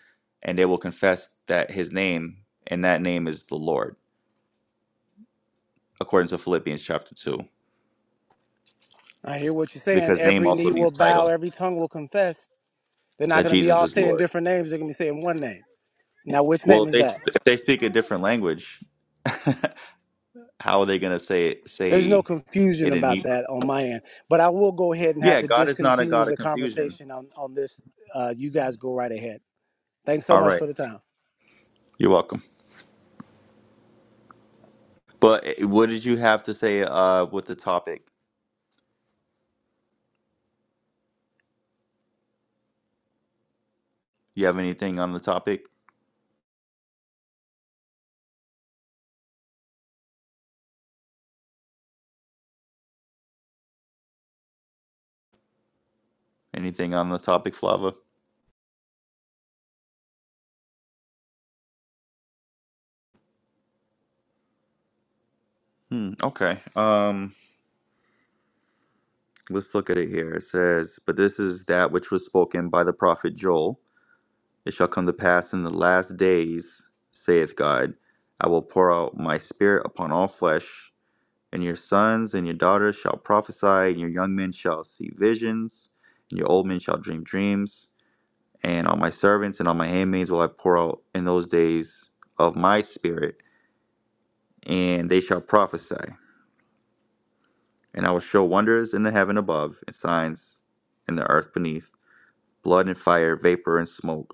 A: and they will confess that His name and that name is the Lord, according to Philippians chapter two,
F: I hear what you're saying.
A: because name
F: Every
A: also
F: knee will
A: means
F: bow,
A: title
F: every tongue will confess. They're not
A: that
F: going to be
A: Jesus
F: all
A: is
F: saying
A: Lord.
F: different names. They're going to be saying one name. Now, which
A: Well,
F: name
A: if
F: is
A: they
F: that?
A: if they speak a different language, how are they going to say it,
F: There's no
A: say
F: confusion
A: it in
F: about
A: Hebrew?
F: that on my end, but I will go ahead and have
A: Yeah,
F: to
A: God is not a
F: discontinue
A: God of
F: the
A: confusion.
F: conversation on, on this. Uh, you guys go right ahead. Thanks so
A: All
F: much
A: right,
F: for the time.
A: you're welcome. But eh, what did you have to say uh, with the topic? You have anything on the topic? Anything on the topic, Flava? Hmm, okay. Um, let's look at it here. It says, "But this is that which was spoken by the prophet Joel. It shall come to pass in the last days, saith God, I will pour out my spirit upon all flesh." And your sons and your daughters shall prophesy, and your young men shall see visions, and your old men shall dream dreams. And on my servants and on my handmaids will I pour out in those days of my spirit, and they shall prophesy. And I will show wonders in the heaven above, and signs in the earth beneath blood and fire, vapor and smoke.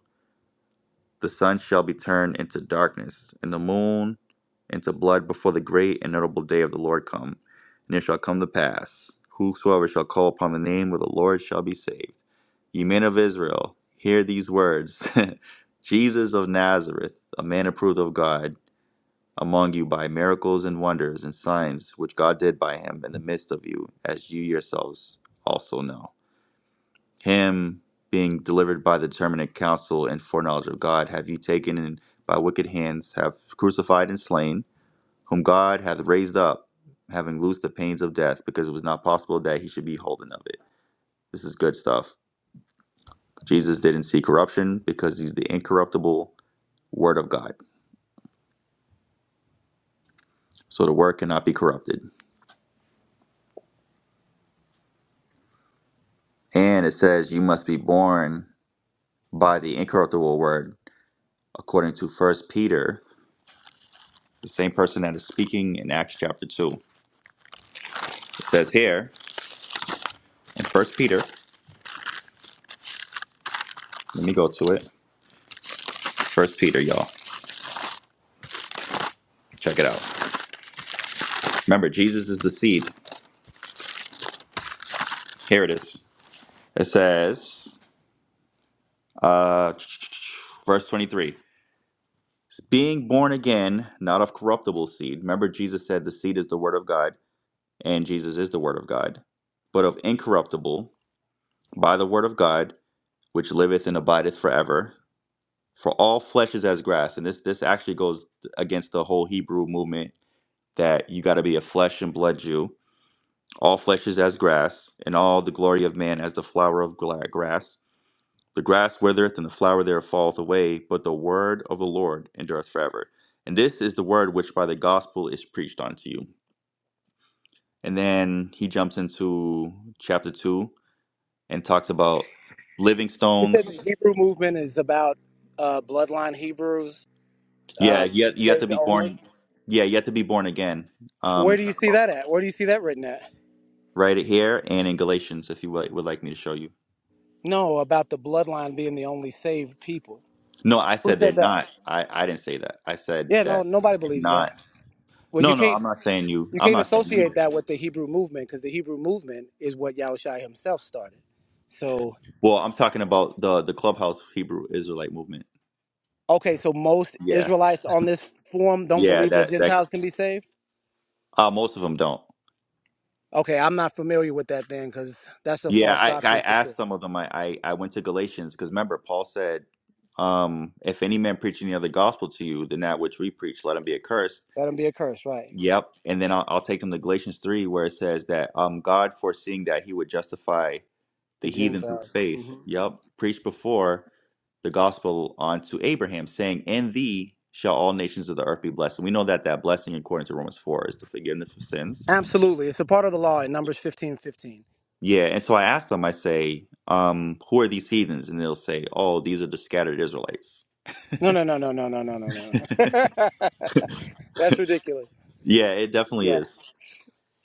A: The sun shall be turned into darkness, and the moon into blood before the great and notable day of the Lord come. And it shall come to pass, whosoever shall call upon the name of the Lord shall be saved. Ye men of Israel, hear these words Jesus of Nazareth, a man approved of God among you by miracles and wonders and signs which God did by him in the midst of you, as you yourselves also know him being delivered by the determinate counsel and foreknowledge of God, have you taken and by wicked hands have crucified and slain, whom God hath raised up, having loosed the pains of death, because it was not possible that he should be holden of it. This is good stuff. Jesus didn't see corruption because he's the incorruptible word of God. So the word cannot be corrupted. And it says you must be born by the incorruptible word, according to first Peter, the same person that is speaking in Acts chapter two. It says here. in First Peter. Let me go to it. First Peter, y'all. Check it out. Remember, Jesus is the seed. Here it is. It says, uh, verse 23. Being born again, not of corruptible seed. Remember, Jesus said the seed is the word of God, and Jesus is the word of God, but of incorruptible, by the word of God, which liveth and abideth forever. For all flesh is as grass. And this this actually goes against the whole Hebrew movement that you got to be a flesh and blood Jew All flesh is as grass, and all the glory of man as the flower of gla- grass. The grass withereth, and the flower thereof falleth away, but the word of the Lord endureth forever. And this is the word which by the gospel is preached unto you. And then he jumps into chapter 2 and talks about living
F: You said the
A: stones.
F: Hebrew movement is about uh, bloodline Hebrews
A: Yeah,
F: uh,
A: you have, you have to
F: saved
A: be
F: only.
A: born. Yeah, you have to be born again. Um,
F: Where do
A: it's
F: you see that at? Where do you see that written at?
A: right here and in Galatians, if you would would like me to show you.
F: No, about the bloodline being the only saved people.
A: No, I
F: Who
A: said they're
F: said that?
A: not. I, I didn't say that. I said
F: Yeah, no,
A: that
F: nobody
A: they're
F: believes that.
A: not.
F: Well, you
A: No, no,
F: can't.
A: I'm not saying you.
F: you
A: I'm
F: can't
A: not saying you
F: associate
A: did.
F: that with the Hebrew movement because the Hebrew movement is what Yahushua himself started. So,
A: Well, I'm talking about the the clubhouse Hebrew Israelite movement.
F: okay, so most
A: Yeah,
F: Israelites on this forum don't
A: yeah,
F: believe that
A: that that.
F: Gentiles can be saved?
A: Uh, most of them don't.
F: Okay, I'm not familiar with that then because that's a
A: Yeah,
F: false
A: I I
F: doctrine for sure.
A: asked some of them. I I, I went to Galatians because remember Paul said, um, if any man preach any other gospel to you than that which we preach, let him be accursed.
F: Let them be a curse, right?
A: Yep, and then I'll, I'll take them to Galatians three where it says that um God foreseeing that he would justify
F: The
A: the heathen through
F: Gentiles. hmm
A: faith. Yep, preached before the gospel onto Abraham, saying, In thee shall all nations of the earth be blessed. And we know that that blessing, according to Romans 4, is the forgiveness of sins.
F: Absolutely. It's a part of the law in Numbers fifteen fifteen.
A: Yeah. And so I asked them, I say, um, Who are these heathens? And they'll say, Oh, these are the scattered Israelites.
F: No, no, no, no, no, no, no, no, no. that's ridiculous.
A: yeah, it definitely
F: Yeah.
A: is.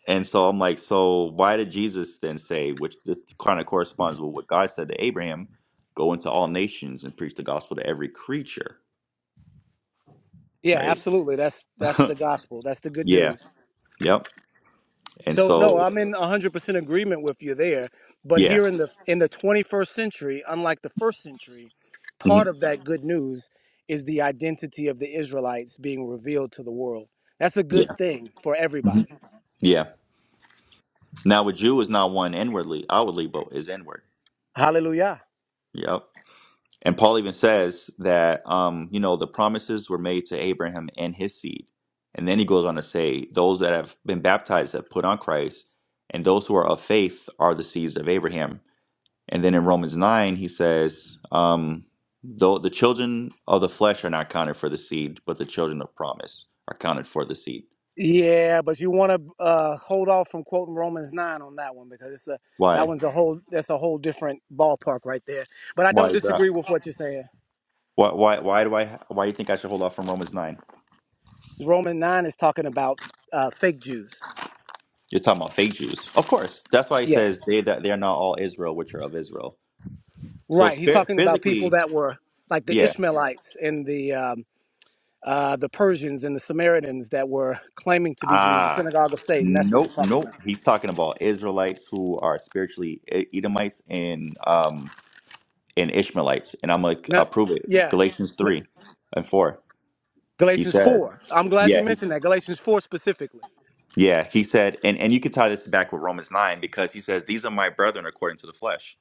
A: And so I'm like, so why did Jesus then say, which this kind of corresponds with what God said to Abraham, go into all nations and preach the gospel to every creature,
F: Yeah,
A: right?
F: absolutely. That's that's the gospel. That's the good
A: yeah,
F: news.
A: yep. And
F: So no,
A: so,
F: I'm in 100% agreement with you there. But
A: yeah,
F: here in the in the 21st century, unlike the first century, part
A: mhm,
F: of that good news is the identity of the Israelites being revealed to the world. That's a
A: yeah.
F: good thing for
A: Mhm.
F: everybody.
A: Yeah. Now a Jew is not one inwardly, outwardly, but is inward.
F: Hallelujah.
A: Yep. And Paul even says that um, you know, the promises were made to Abraham and his seed. And then he goes on to say, those that have been baptized have put on Christ, and those who are of faith are the seeds of Abraham. And then in Romans nine he says, um, though the children of the flesh are not counted for the seed, but the children of promise are counted for the seed.
F: Yeah, but you want to uh, hold off from quoting Romans nine on that one because it's a that
A: Why?
F: one's a whole that's a whole different ballpark right there. But I
A: Why
F: don't
A: is that?
F: disagree with what you're saying.
A: Why, why, why do I? Why do you think I should hold off from Romans nine?
F: Roman nine is talking about uh, fake Jews.
A: You're talking about fake Jews, of course. That's why he
F: Yeah.
A: says they that they are not all Israel, which are of Israel. So
F: Right. He's
A: spirit,
F: talking about people
A: physically,
F: that were like the
A: yeah.
F: Ishmaelites and the um, uh, the Persians and the Samaritans that were claiming to be Jews, the
A: Ah,
F: synagogue of Satan. That's what
A: nope,
F: he's talking
A: nope.
F: about.
A: He's talking about Israelites who are spiritually E- Edomites and um and Ishmaelites, and I'm like,
F: No,
A: uh, prove it.
F: yeah.
A: Galatians three and four. He
F: Galatians
A: says,
F: 4. I'm glad you
A: yeah,
F: mentioned
A: he's
F: that. Galatians 4 specifically.
A: yeah. He said, and and you can tie this back with Romans nine because he says these are my brethren according to the flesh.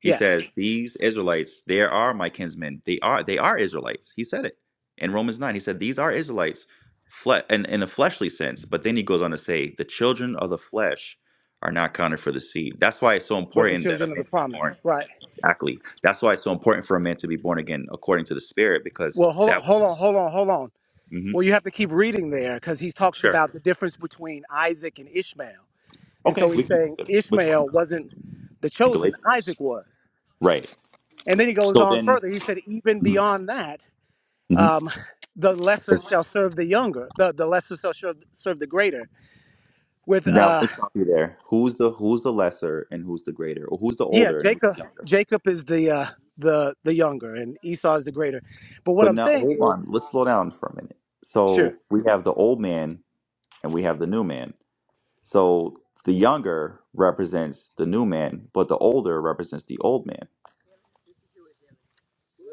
A: He
F: Yeah.
A: says, These Israelites, they are my kinsmen. They are they are Israelites. He said it in Romans 9. He said, These are Israelites fle- in, in a fleshly sense. But then he goes on to say, The children of the flesh are not counted for the seed. That's why it's so
F: But the
A: important that a
F: children of
A: man
F: the
A: be
F: promise.
A: born.
F: Right.
A: Exactly. That's why it's so important for a man to be born again according to the spirit, because
F: Well, hold on,
A: that
F: hold
A: was
F: on, hold on, hold on.
A: hmm
F: Well, you have to keep reading there because he talks
A: sure.
F: about the difference between Isaac and Ishmael. And
A: Okay,
F: so
A: we
F: he's
A: can
F: saying
A: look at it. Which one?
F: Ishmael wasn't the
A: In
F: chosen,
A: Galatians?
F: Isaac was.
A: Right.
F: And then he goes
A: So
F: on
A: then,
F: further. He said, even
A: Mhm.
F: beyond that,
A: Mhm.
F: um, the lesser shall serve the younger. The, the lesser shall serve, serve the greater. With
A: Now
F: uh,
A: let us stop you there. Who's the who's the lesser and who's the greater, or who's the
F: yeah,
A: older and who's
F: Jacob.
A: the younger?
F: Jacob is the uh, the the younger, and Esau is the greater. But what
A: But
F: I'm
A: now
F: saying
A: hold
F: is,
A: on, let's slow down for a minute.
F: sure,
A: So we have the old man and we have the new man. So the younger represents the new man, but the older represents the old man,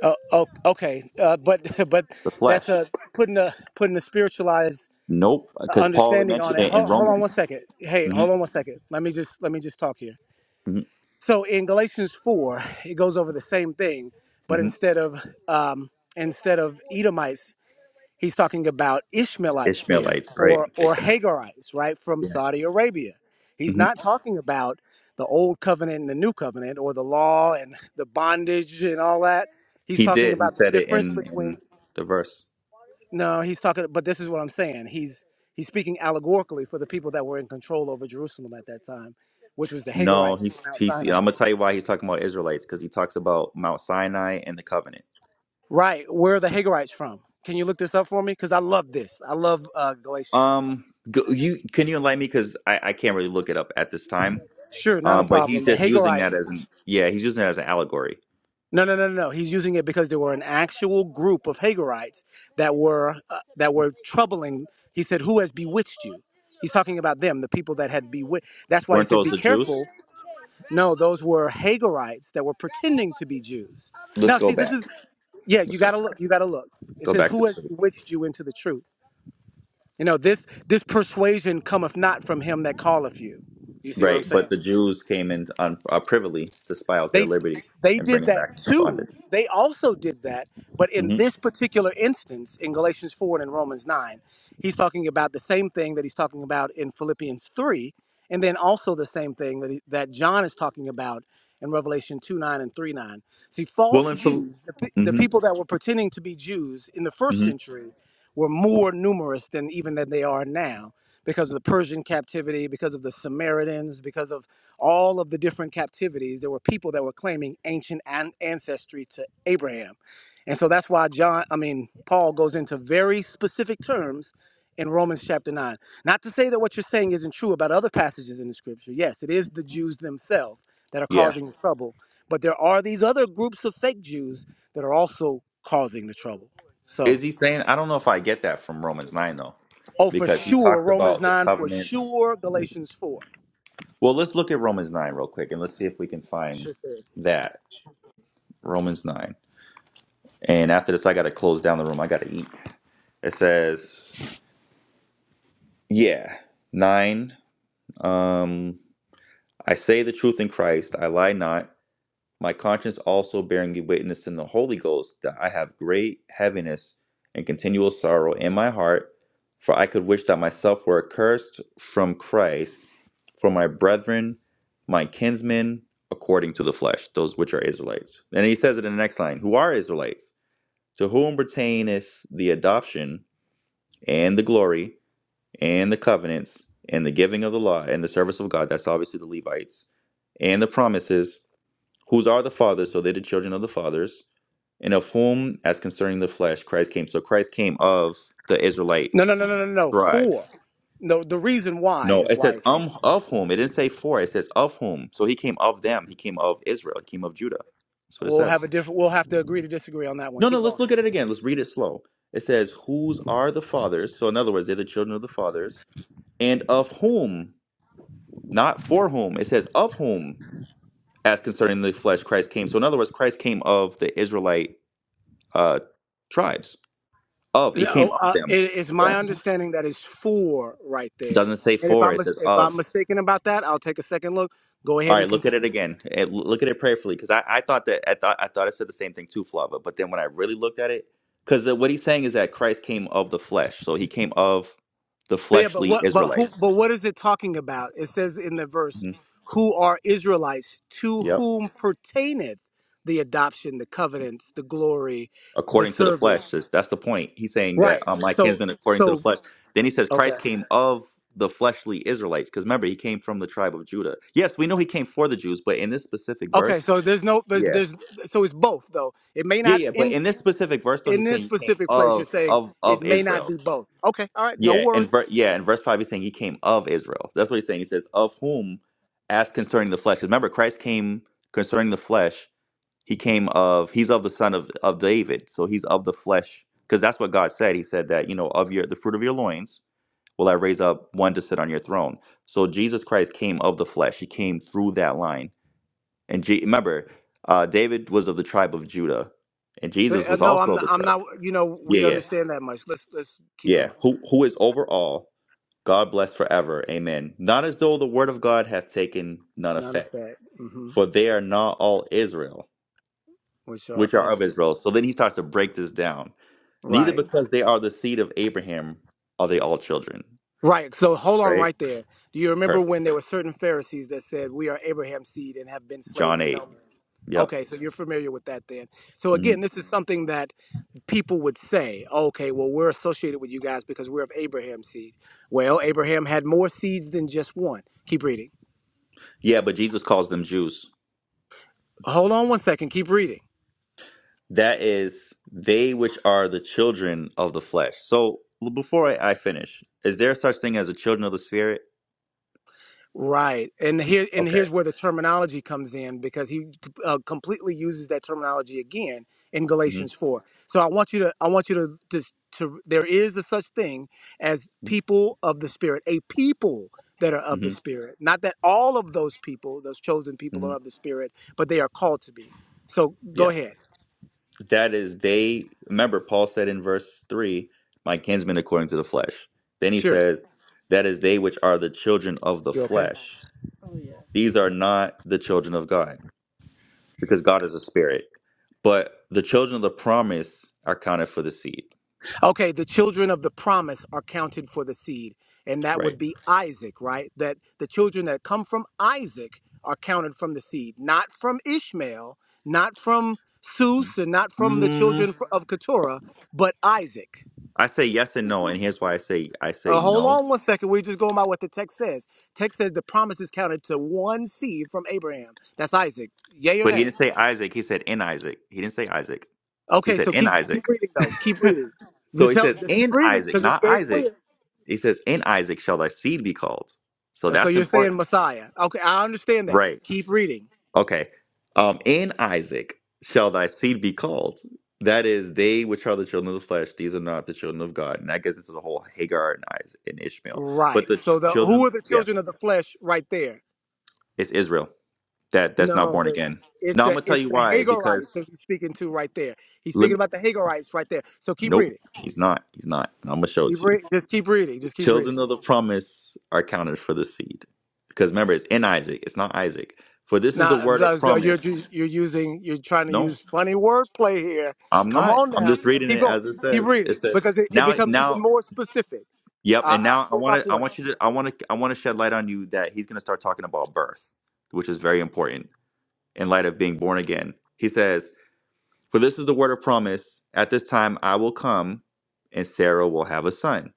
F: uh, oh, okay, uh, but but
A: the
F: that's
A: flesh.
F: a putting a putting a spiritualized
A: Nope, because Paul had
F: understanding on
A: mentioned
F: it.
A: it in
F: Hold, hold on one
A: Romans.
F: second. Hey,
A: hmm
F: hold on one second. Let me just let me just talk here.
A: hmm
F: So in Galatians 4, it goes over the same thing, but
A: hmm
F: instead of um, instead of Edomites, he's talking about Ishmaelites there
A: Ishmaelites, right?
F: or or
A: Exactly.
F: Hagarites, right, from
A: Yeah.
F: Saudi Arabia. He's
A: hmm
F: not talking about the old covenant and the new covenant or the law and the bondage and all that. He's
A: He
F: talking
A: did. He
F: about the
A: said it
F: difference
A: in
F: between
A: in the verse.
F: no, he's talking but this is what I'm saying. He's he's speaking allegorically for the people that were in control over Jerusalem at that time, which was the
A: No,
F: Hagarites
A: he's
F: from Mount
A: he's. yeah,
F: Sinai.
A: I'm gonna tell you why he's talking about Israelites because he talks about Mount Sinai and the covenant.
F: Right. Where are the Hagarites from? Can you look this up for me? Because I love this. I love uh, Galatians.
A: Um, go, you can you enlighten me because I, I can't really look it up at this time.
F: Sure, not a
A: Um, but he's
F: problem. The
A: just using
F: Hagarites.
A: that as an yeah, he's using that as an allegory.
F: No, no, no, no. no. He's using it because there were an actual group of Hagarites that were uh, that were troubling. He said, "Who has bewitched you?" He's talking about them, the people that had bewitched. That's why he
A: Weren't
F: said,
A: those
F: "Be
A: the Jews?
F: careful." No, those were Hagarites that were pretending to be Jews.
A: Let's
F: Now,
A: go
F: see, this is
A: back.
F: yeah. You
A: Let's go
F: gotta
A: back.
F: look. You gotta look. It
A: Go
F: says,
A: back to
F: "Who has
A: two.
F: bewitched you into the truth?" You know, this this persuasion cometh not from him that calleth you. You see what I'm
A: Right, but
F: saying?
A: the Jews came in on uh, privily to spy out their
F: They
A: liberty
F: they
A: and bring
F: did
A: it
F: that
A: back into
F: too.
A: bondage.
F: They also did that, but in
A: hmm
F: this particular instance, in Galatians four and in Romans nine, he's talking about the same thing that he's talking about in Philippians three, and then also the same thing that he, that John is talking about in Revelation two nine and three nine. See,
A: Well,
F: false
A: in Phil-
F: Jews, the, pe- the
A: hmm
F: people that were pretending to be Jews in the first
A: hmm
F: century, were more numerous than even than they are now because of the Persian captivity, because of the Samaritans, because of all of the different captivities, there were people that were claiming ancient an- ancestry to Abraham. And so that's why John, I mean, Paul goes into very specific terms in Romans chapter 9. Not to say that what you're saying isn't true about other passages in the scripture. Yes, it is the Jews themselves that are
A: yeah.
F: causing the trouble, but there are these other groups of fake Jews that are also causing the trouble. So,
A: Is he saying? I don't know if I get that from Romans 9, though,
F: oh, for
A: because he
F: sure,
A: talks
F: Romans
A: about the
F: 9, for
A: covenants.
F: sure, Galatians 4.
A: Well, let's look at Romans 9 real quick and let's see if we can find
F: Sure. thing.
A: that. Romans 9. And after this, I got to close down the room. I got to eat. It says, yeah, 9. Um, I say the truth in Christ. I lie not. my conscience also bearing me witness in the Holy Ghost that I have great heaviness and continual sorrow in my heart, for I could wish that myself were accursed from Christ for my brethren, my kinsmen, according to the flesh, those which are Israelites. And he says it in the next line who are Israelites, to whom pertaineth the adoption and the glory and the covenants and the giving of the law and the service of God. That's obviously the Levites and the promises whose are the fathers, so they're the children of the fathers, and of whom, as concerning the flesh, Christ came. So Christ came of the Israelite
F: No, no, no, no, no, no.
A: tribe.
F: Four. No, the reason why
A: No,
F: is
A: it
F: why
A: says
F: it came.
A: um of whom. It didn't say for. It says of whom. So he came of them. He came of Israel. He came of Judah. That's what it
F: We'll have
A: says.
F: a different. We'll have to agree to disagree on that one.
A: No, no.
F: Keep going.
A: Let's look at it again. Let's read it slow. It says whose are the fathers. So in other words, they're the children of the fathers, and of whom, not for whom. It says of whom, as concerning the flesh, Christ came. So in other words, Christ came of the Israelite uh, tribes Of. He
F: No,
A: came of
F: uh,
A: them.
F: it is my
A: Yes.
F: understanding that it's four right there.
A: Doesn't say
F: And if
A: for.
F: I'm
A: It
F: mis-
A: says
F: if I'm
A: of.
F: mistaken about that, I'll take a second look. Go
A: All
F: ahead
A: right.
F: and
A: Look at it
F: continue.
A: again. Eh, l- look at it prayerfully, because I, I thought that I thought I thought I said the same thing too, Flava. But then when I really looked at it, because what he's saying is that Christ came of the flesh, so he came of the
F: But yeah, but
A: fleshly
F: what but who
A: Israelites.
F: but what is it talking about? It says in the verse,
A: Mhm.
F: "Who are Israelites? To
A: Yep.
F: whom pertaineth the adoption, the covenants, the glory, the
A: according to the flesh.
F: service?"
A: says that's the point. He's saying that
F: Right.
A: um, my
F: So
A: kinsman according to the
F: so
A: flesh. Then he says
F: okay.
A: Christ came of the fleshly Israelites, because remember he came from the tribe of Judah. Yes, we know he came for the Jews, but in this specific
F: Okay,
A: verse,
F: so there's no, there's,
A: yeah,
F: there's, so it's both though. It may
A: yeah,
F: not
A: yeah. But
F: in
A: in this specific verse, though,
F: in
A: he's
F: this
A: saying he came
F: specific place. You're
A: of
F: saying
A: of
F: it
A: of
F: may not
A: Israel.
F: be both. Okay, all right, no
A: Yeah, and
F: worries.
A: ver- yeah, in verse five, he's saying he came of Israel. That's what he's saying. He says, "Of whom, as concerning the flesh." 'Cause Remember, Christ came concerning the flesh he came of he's of the son of of David, so he's of the flesh because that's what God said. He said that, you know, of your the fruit of your loins will I raise up one to sit on your throne. So Jesus Christ came of the flesh. He came through that line. And Je- remember, uh, David was of the tribe of Judah, and Jesus
F: But, uh,
A: was
F: no,
A: also
F: I'm,
A: of
F: not,
A: the
F: I'm
A: tribe.
F: not. You know,
A: Yeah,
F: we
A: yeah.
F: understand that much. Let's let's keep
A: Yeah,
F: going.
A: who who is over all, God bless forever. Amen. Not as though the word of God hath taken none
F: None of
A: effect,
F: that, hmm
A: for they are not all Israel.
F: which are
A: which are
F: of
A: of
F: it.
A: Israel. So then he starts to break this down. Neither
F: Right,
A: because they are the seed of Abraham are they all children,
F: right. So hold on,
A: right?
F: right there. Do you remember
A: Perfect.
F: when there were certain Pharisees that said, "We are Abraham's seed and have been slaves
A: John
F: to no
A: 8.
F: man"?
A: Yep.
F: Okay, so you're familiar with that then. So
A: hmm
F: again, this is something that people would say, okay, well, we're associated with you guys because we're of Abraham's seed. Well, Abraham had more seeds than just one. Keep reading.
A: Yeah, but Jesus calls them Jews.
F: Hold on one second. Keep reading.
A: That is, they which are the children of the flesh. So l- before I, I finish, is there such thing as a children of the spirit?
F: Right, and here and
A: Okay.
F: here's where the terminology comes in because he uh, completely uses that terminology again in
A: hmm
F: Galatians four. So I want you to I want you to just to there is a such thing as people of the spirit, a people that are of the
A: hmm
F: spirit. Not that all of those people, those chosen people, are of the
A: hmm
F: spirit, but they are called to be. So go ahead.
A: That is, they remember Paul said in verse three, "My kinsmen according to the flesh." Then he
F: Sure,
A: says, "That is they which are the children of the
F: you okay?
A: flesh." These are not the children of God, because God is a spirit. But the children of the promise are counted for the seed,
F: Okay, the children of the promise are counted for the seed, and that
A: right?
F: would be Isaac, right? That the children that come from Isaac are counted from the seed, not from Ishmael, not from Seuss, and not from the
A: Mm,
F: children fr- of Keturah, but Isaac.
A: I say yes and no, and here's why I say I say
F: Uh, hold
A: no.
F: on one second. We're just going by what the text says. Text says the promise is counted to one seed from Abraham. That's Isaac. Yay or
A: But he
F: nay?
A: didn't say Isaac. He said in Isaac. He didn't say Isaac. He
F: Okay,
A: said
F: so
A: in
F: keep keep
A: Isaac.
F: reading though. Keep reading. The
A: So he
F: tell-
A: says
F: Just keep
A: in
F: reading
A: Isaac,
F: because it's
A: not
F: very
A: Isaac.
F: clear.
A: He says, "In Isaac shall thy seed be called." So
F: Uh, So
A: that's
F: you're saying
A: important,
F: Messiah. Okay, I understand that.
A: right?
F: Keep reading.
A: Okay. Um, in Isaac shall thy seed be called. That is, they which are the children of the flesh; these are not the children of God. And I guess this is the whole Hagar and Isaac and Ishmael.
F: Right.
A: But the
F: So the who
A: children,
F: are the
A: yeah,
F: children of the flesh right there?
A: it's Israel that that's not
F: No,
A: born
F: the,
A: again.
F: it's
A: Now I'm
F: the
A: gonna tell
F: it's
A: you
F: the
A: why.
F: Hagarites
A: Because
F: that he's speaking to right there. He's
A: let
F: speaking
A: me.
F: about the Hagarites right there. So keep
A: Nope,
F: reading.
A: he's not. He's not. And I'm gonna show it
F: Keep
A: to you.
F: reading. Just keep reading. Just keep
A: Children
F: reading.
A: of the promise are counted for the seed. Because remember, it's in Isaac, it's not Isaac. For this is the
F: Now
A: word
F: so,
A: of
F: so you're
A: promise.
F: ju- you're using you're trying to
A: No,
F: use funny wordplay here.
A: I'm
F: Come
A: not.
F: on
A: I'm
F: now.
A: just reading
F: Keep
A: it
F: going.
A: as it
F: Keep
A: says. It
F: reading
A: says
F: because it, it
A: now,
F: becomes even
A: now,
F: more specific.
A: yep.
F: I,
A: And
F: I'll
A: now I
F: prove my
A: want to, I
F: point.
A: want you to, I want to, I want to shed light on you that he's going to start talking about birth, which is very important in light of being born again. He says, "For this is the word of promise. At this time, I will come, and Sarah will have a son."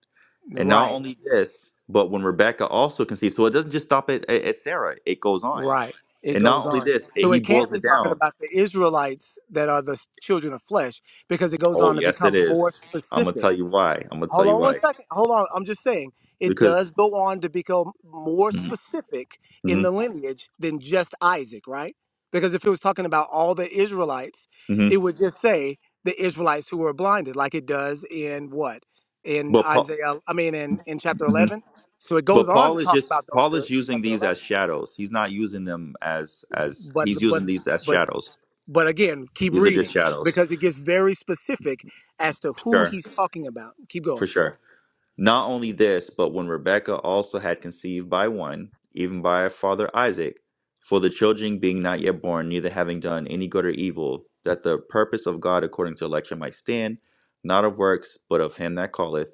A: And not
F: Right.
A: only this, but when Rebecca also conceived, so it doesn't just stop at, at, at Sarah, it goes on.
F: Right. It
A: And not
F: goes
A: only
F: on.
A: this, it-
F: So
A: he
F: it can't
A: boils
F: be
A: it
F: talking
A: down.
F: about the Israelites that are the s- children of flesh because it goes
A: Oh,
F: on to
A: yes, it
F: become more
A: is. I'm going to
F: specific.
A: tell you why. I'm going to tell
F: Hold
A: you
F: on one
A: why.
F: second. Hold on. I'm just saying it
A: Because,
F: does go on to become more
A: hmm
F: specific in
A: hmm
F: the lineage than just Isaac, right? Because if it was talking about all the Israelites,
A: hmm
F: it would just say the Israelites who were blinded, like it does in what? In
A: but Paul.
F: Isaiah, I mean, in, in chapter
A: mhm.
F: 11. So it goes
A: But
F: on
A: Paul
F: to
A: is
F: talk
A: just
F: about those
A: Paul
F: uh, in
A: is using
F: chapter
A: these as
F: 11
A: shadows. He's not using them as as
F: but
A: he's
F: but
A: using these as
F: but
A: shadows.
F: but again keep
A: These are just
F: reading
A: shadows.
F: because it gets very specific as to who
A: Sure,
F: he's talking about keep
A: for
F: going
A: sure. Not only this, but when Rebekah also had conceived by one, even by her father Isaac, for the children being not yet born, neither having done any good or evil, that the purpose of God according to election might stand, not of works, but of him that calleth,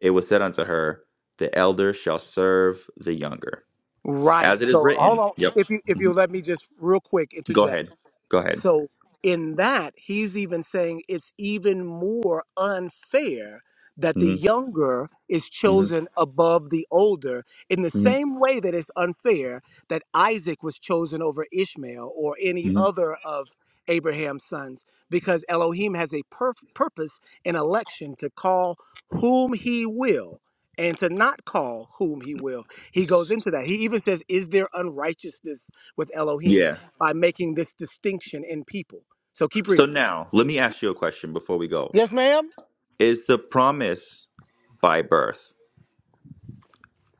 A: it was said unto her, The elder shall serve the younger.
F: right
A: As it is
F: so hold
A: written.
F: on
A: Yep.
F: if you if you
A: Mhm.
F: let me just real quick
A: Go
F: interject
A: ahead. Go ahead.
F: So, in that, he's even saying it's even more unfair that the
A: Mhm.
F: younger is
A: Mhm.
F: chosen above the older, in the
A: Mhm.
F: same way that it's unfair that Isaac was chosen over Ishmael or any
A: Mhm.
F: other of Abraham's sons, because Elohim has a pur- purpose in election to call whom he will. And to not call whom he will. He goes into that. He even says, Is there unrighteousness with Elohim?
A: Yeah.
F: by making this distinction in people. So keep
A: So
F: reading.
A: now, let me ask you a question before we go.
F: Yes, ma'am.
A: Is the promise by birth?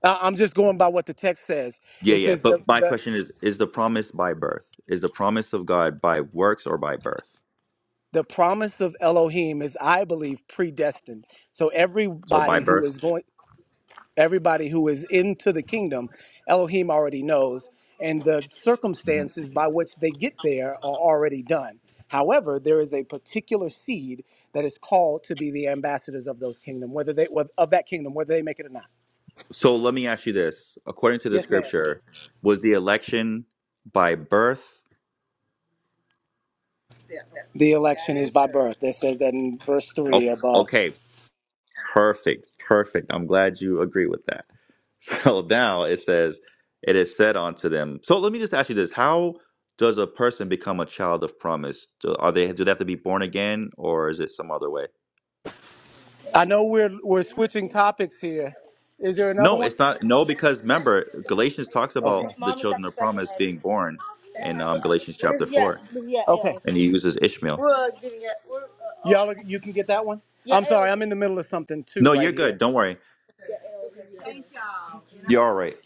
F: I- I'm just going by what the text says.
A: Yeah,
F: It
A: yeah.
F: says the,
A: But my
F: the
A: question is is the promise by birth? Is the promise of God by works or by birth?
F: the promise of Elohim is, I believe, predestined. So
A: So by
F: everybody who
A: birth?
F: is going, everybody who is into the kingdom, Elohim already knows, and the
A: Mhm.
F: circumstances by which they get there are already done. However, there is a particular seed that is called to be the ambassadors of those kingdom, whether they of that kingdom, whether they make it or not.
A: So let me ask you this. According to the scripture, was the election by birth?
F: The election is by birth. That says that in verse
A: O-
F: three above.
A: Okay, perfect. Perfect. I'm glad you agree with that. So now it says it is said unto them. So let me just ask you this. How does a person become a child of promise? Do, are they do they have to be born again or is it some other way?
F: I know we're we're switching topics here. Is there another
A: No,
F: one?
A: it's not. No, because remember, Galatians talks
F: Okay.
A: about the
F: Mommy got
A: children
F: the
A: of
F: second
A: promise
F: heavy.
A: being born in um, Galatians chapter
F: There's yeah,
A: 4,
F: there's yet Okay. else.
A: and he uses Ishmael.
F: We're uh, getting it. We're uh, Y'all, oh are- you can get that one. yeah, I'm sorry, I'm in the middle of something too
A: No,
F: right
A: you're
F: here.
A: good. Don't worry. You're all right.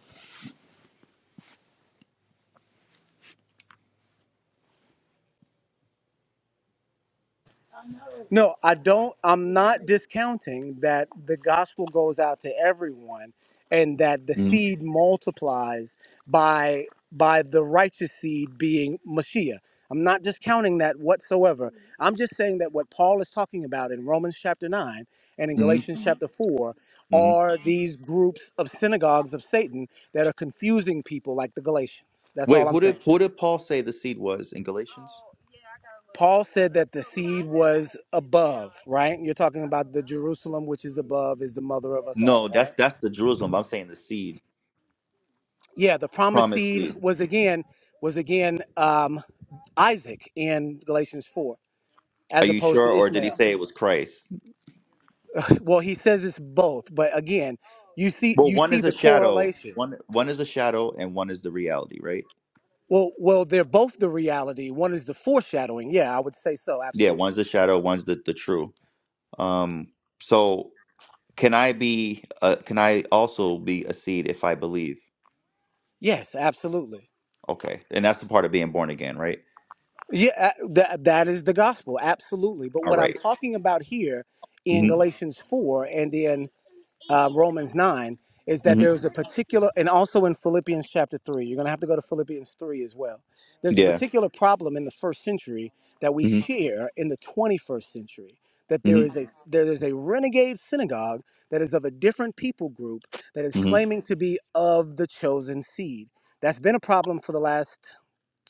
F: No, I don't. I'm not discounting that the gospel goes out to everyone, and that the
A: Mm-hmm.
F: seed multiplies by by the righteous seed being Mashiach. I'm not discounting that whatsoever. I'm just saying that what Paul is talking about in Romans chapter nine and in Galatians chapter
A: Mm-hmm.
F: four
A: hmm
F: are these groups of synagogues of Satan that are confusing people like the Galatians. That's all
A: Wait,
F: I'm
A: who
F: saying.
A: did who did Paul say the seed was in Galatians?
F: Paul said that the seed was above, right? You're talking about the Jerusalem which is above is the mother of us
A: No,
F: all,
A: that's
F: right?
A: that's the Jerusalem. I'm saying the seed,
F: Yeah, the promised
A: promised
F: seed
A: seed.
F: was again was again um, Isaac in Galatians 4
A: Are
F: as
A: you
F: opposed
A: sure,
F: to
A: or did he
F: Ishmael.
A: say it was Christ?
F: Well, he says it's both, but again, you see
A: Well,
F: you
A: one
F: see
A: is a
F: the
A: shadow.
F: correlation.
A: One one is a shadow, and one is the reality, right?
F: Well, well, they're both the reality. One is the foreshadowing. Yeah, I would say so,
A: Yeah,
F: absolutely.
A: one's the shadow, one's the the true. Um, so Can I be? Uh, can I also be a seed if I believe?
F: Yes, absolutely.
A: Okay, and that's the part of being born again, right?
F: Yeah, uh, that that is the gospel, absolutely. But
A: All
F: what I'm
A: right.
F: talking about here in
A: Mm-hmm.
F: Galatians four and in uh, Romans nine is that
A: Mm-hmm.
F: there's a particular, and also in Philippians chapter three. You're going to have to go to Philippians three as well. There's a
A: Yeah.
F: particular problem in the first century that we
A: Mm-hmm.
F: share in the 21st century. That there is
A: Mm-hmm.
F: a there is a renegade synagogue that is of a different people group that is
A: Mm-hmm.
F: claiming to be of the chosen seed. That's been a problem for the last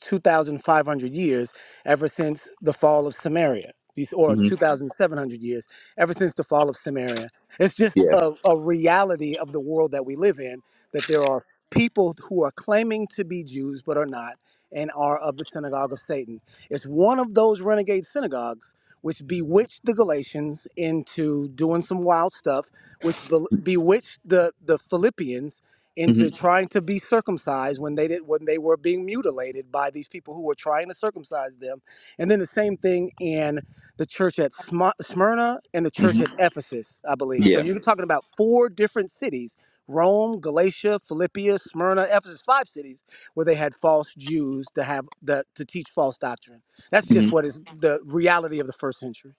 F: 2,500 years ever since the fall of Samaria, these, or
A: Mm-hmm.
F: 2,700 years ever since the fall of Samaria. It's just
A: Yeah.
F: a, a reality of the world that we live in that there are people who are claiming to be Jews but are not and are of the synagogue of Satan. It's one of those renegade synagogues which bewitched the Galatians into doing some wild stuff, which be- bewitched the, the Philippians into
A: Mm-hmm.
F: trying to be circumcised when they did when they were being mutilated by these people who were trying to circumcise them and then the same thing in the church at Sm- smyrna and the church
A: Mm-hmm.
F: at ephesus i believe so
A: Yeah.
F: you're talking about four different cities rome galatia philippia smyrna ephesus five cities where they had false jews to have the to teach false doctrine that's just
A: hmm
F: what is the reality of the first century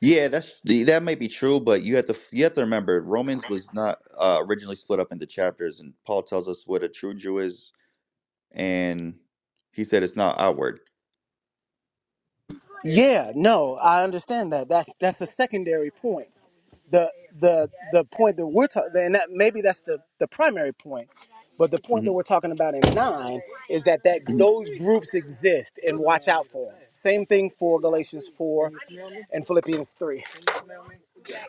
A: Yeah, that's the- that may be true, but you have to you have to remember Romans was not uh, originally split up into chapters, and Paul tells us what a true Jew is, and he said it's not outward.
F: yeah no i understand that that's that's a secondary point the the the point that we're talking and that maybe that's the the primary point but the point
A: Mm-hmm,
F: that we're talking about in nine is that that
A: mm-hmm.
F: those groups exist and watch out for them same thing for galatians 4 and philippians 3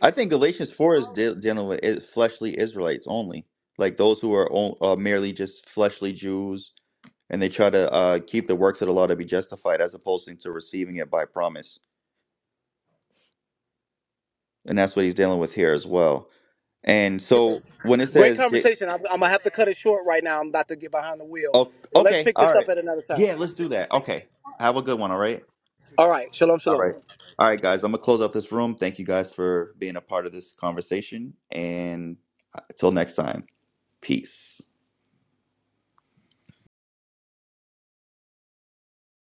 A: I think Galatians 4 is de- dealing with i- fleshly Israelites only, like those who are on- uh, merely just fleshly Jews and they try to uh, keep the works of the law to be justified as opposed to receiving it by promise. And that's what he's dealing with here as well. And so when it
F: great
A: says, J-
F: conversation i'm, I'm gonna have to cut it short right now i'm about to get behind the wheel
A: oh,
F: but let's
A: okay,
F: pick
A: all
F: this
A: right.
F: up at another time
A: Yeah, let's do that. Okay. Have a good one. All right.
F: all right shalom
A: All
F: shalom
A: right. All right, guys. I'm going to close out this room. Thank you guys for being a part of this conversation. And uh, until next time, peace.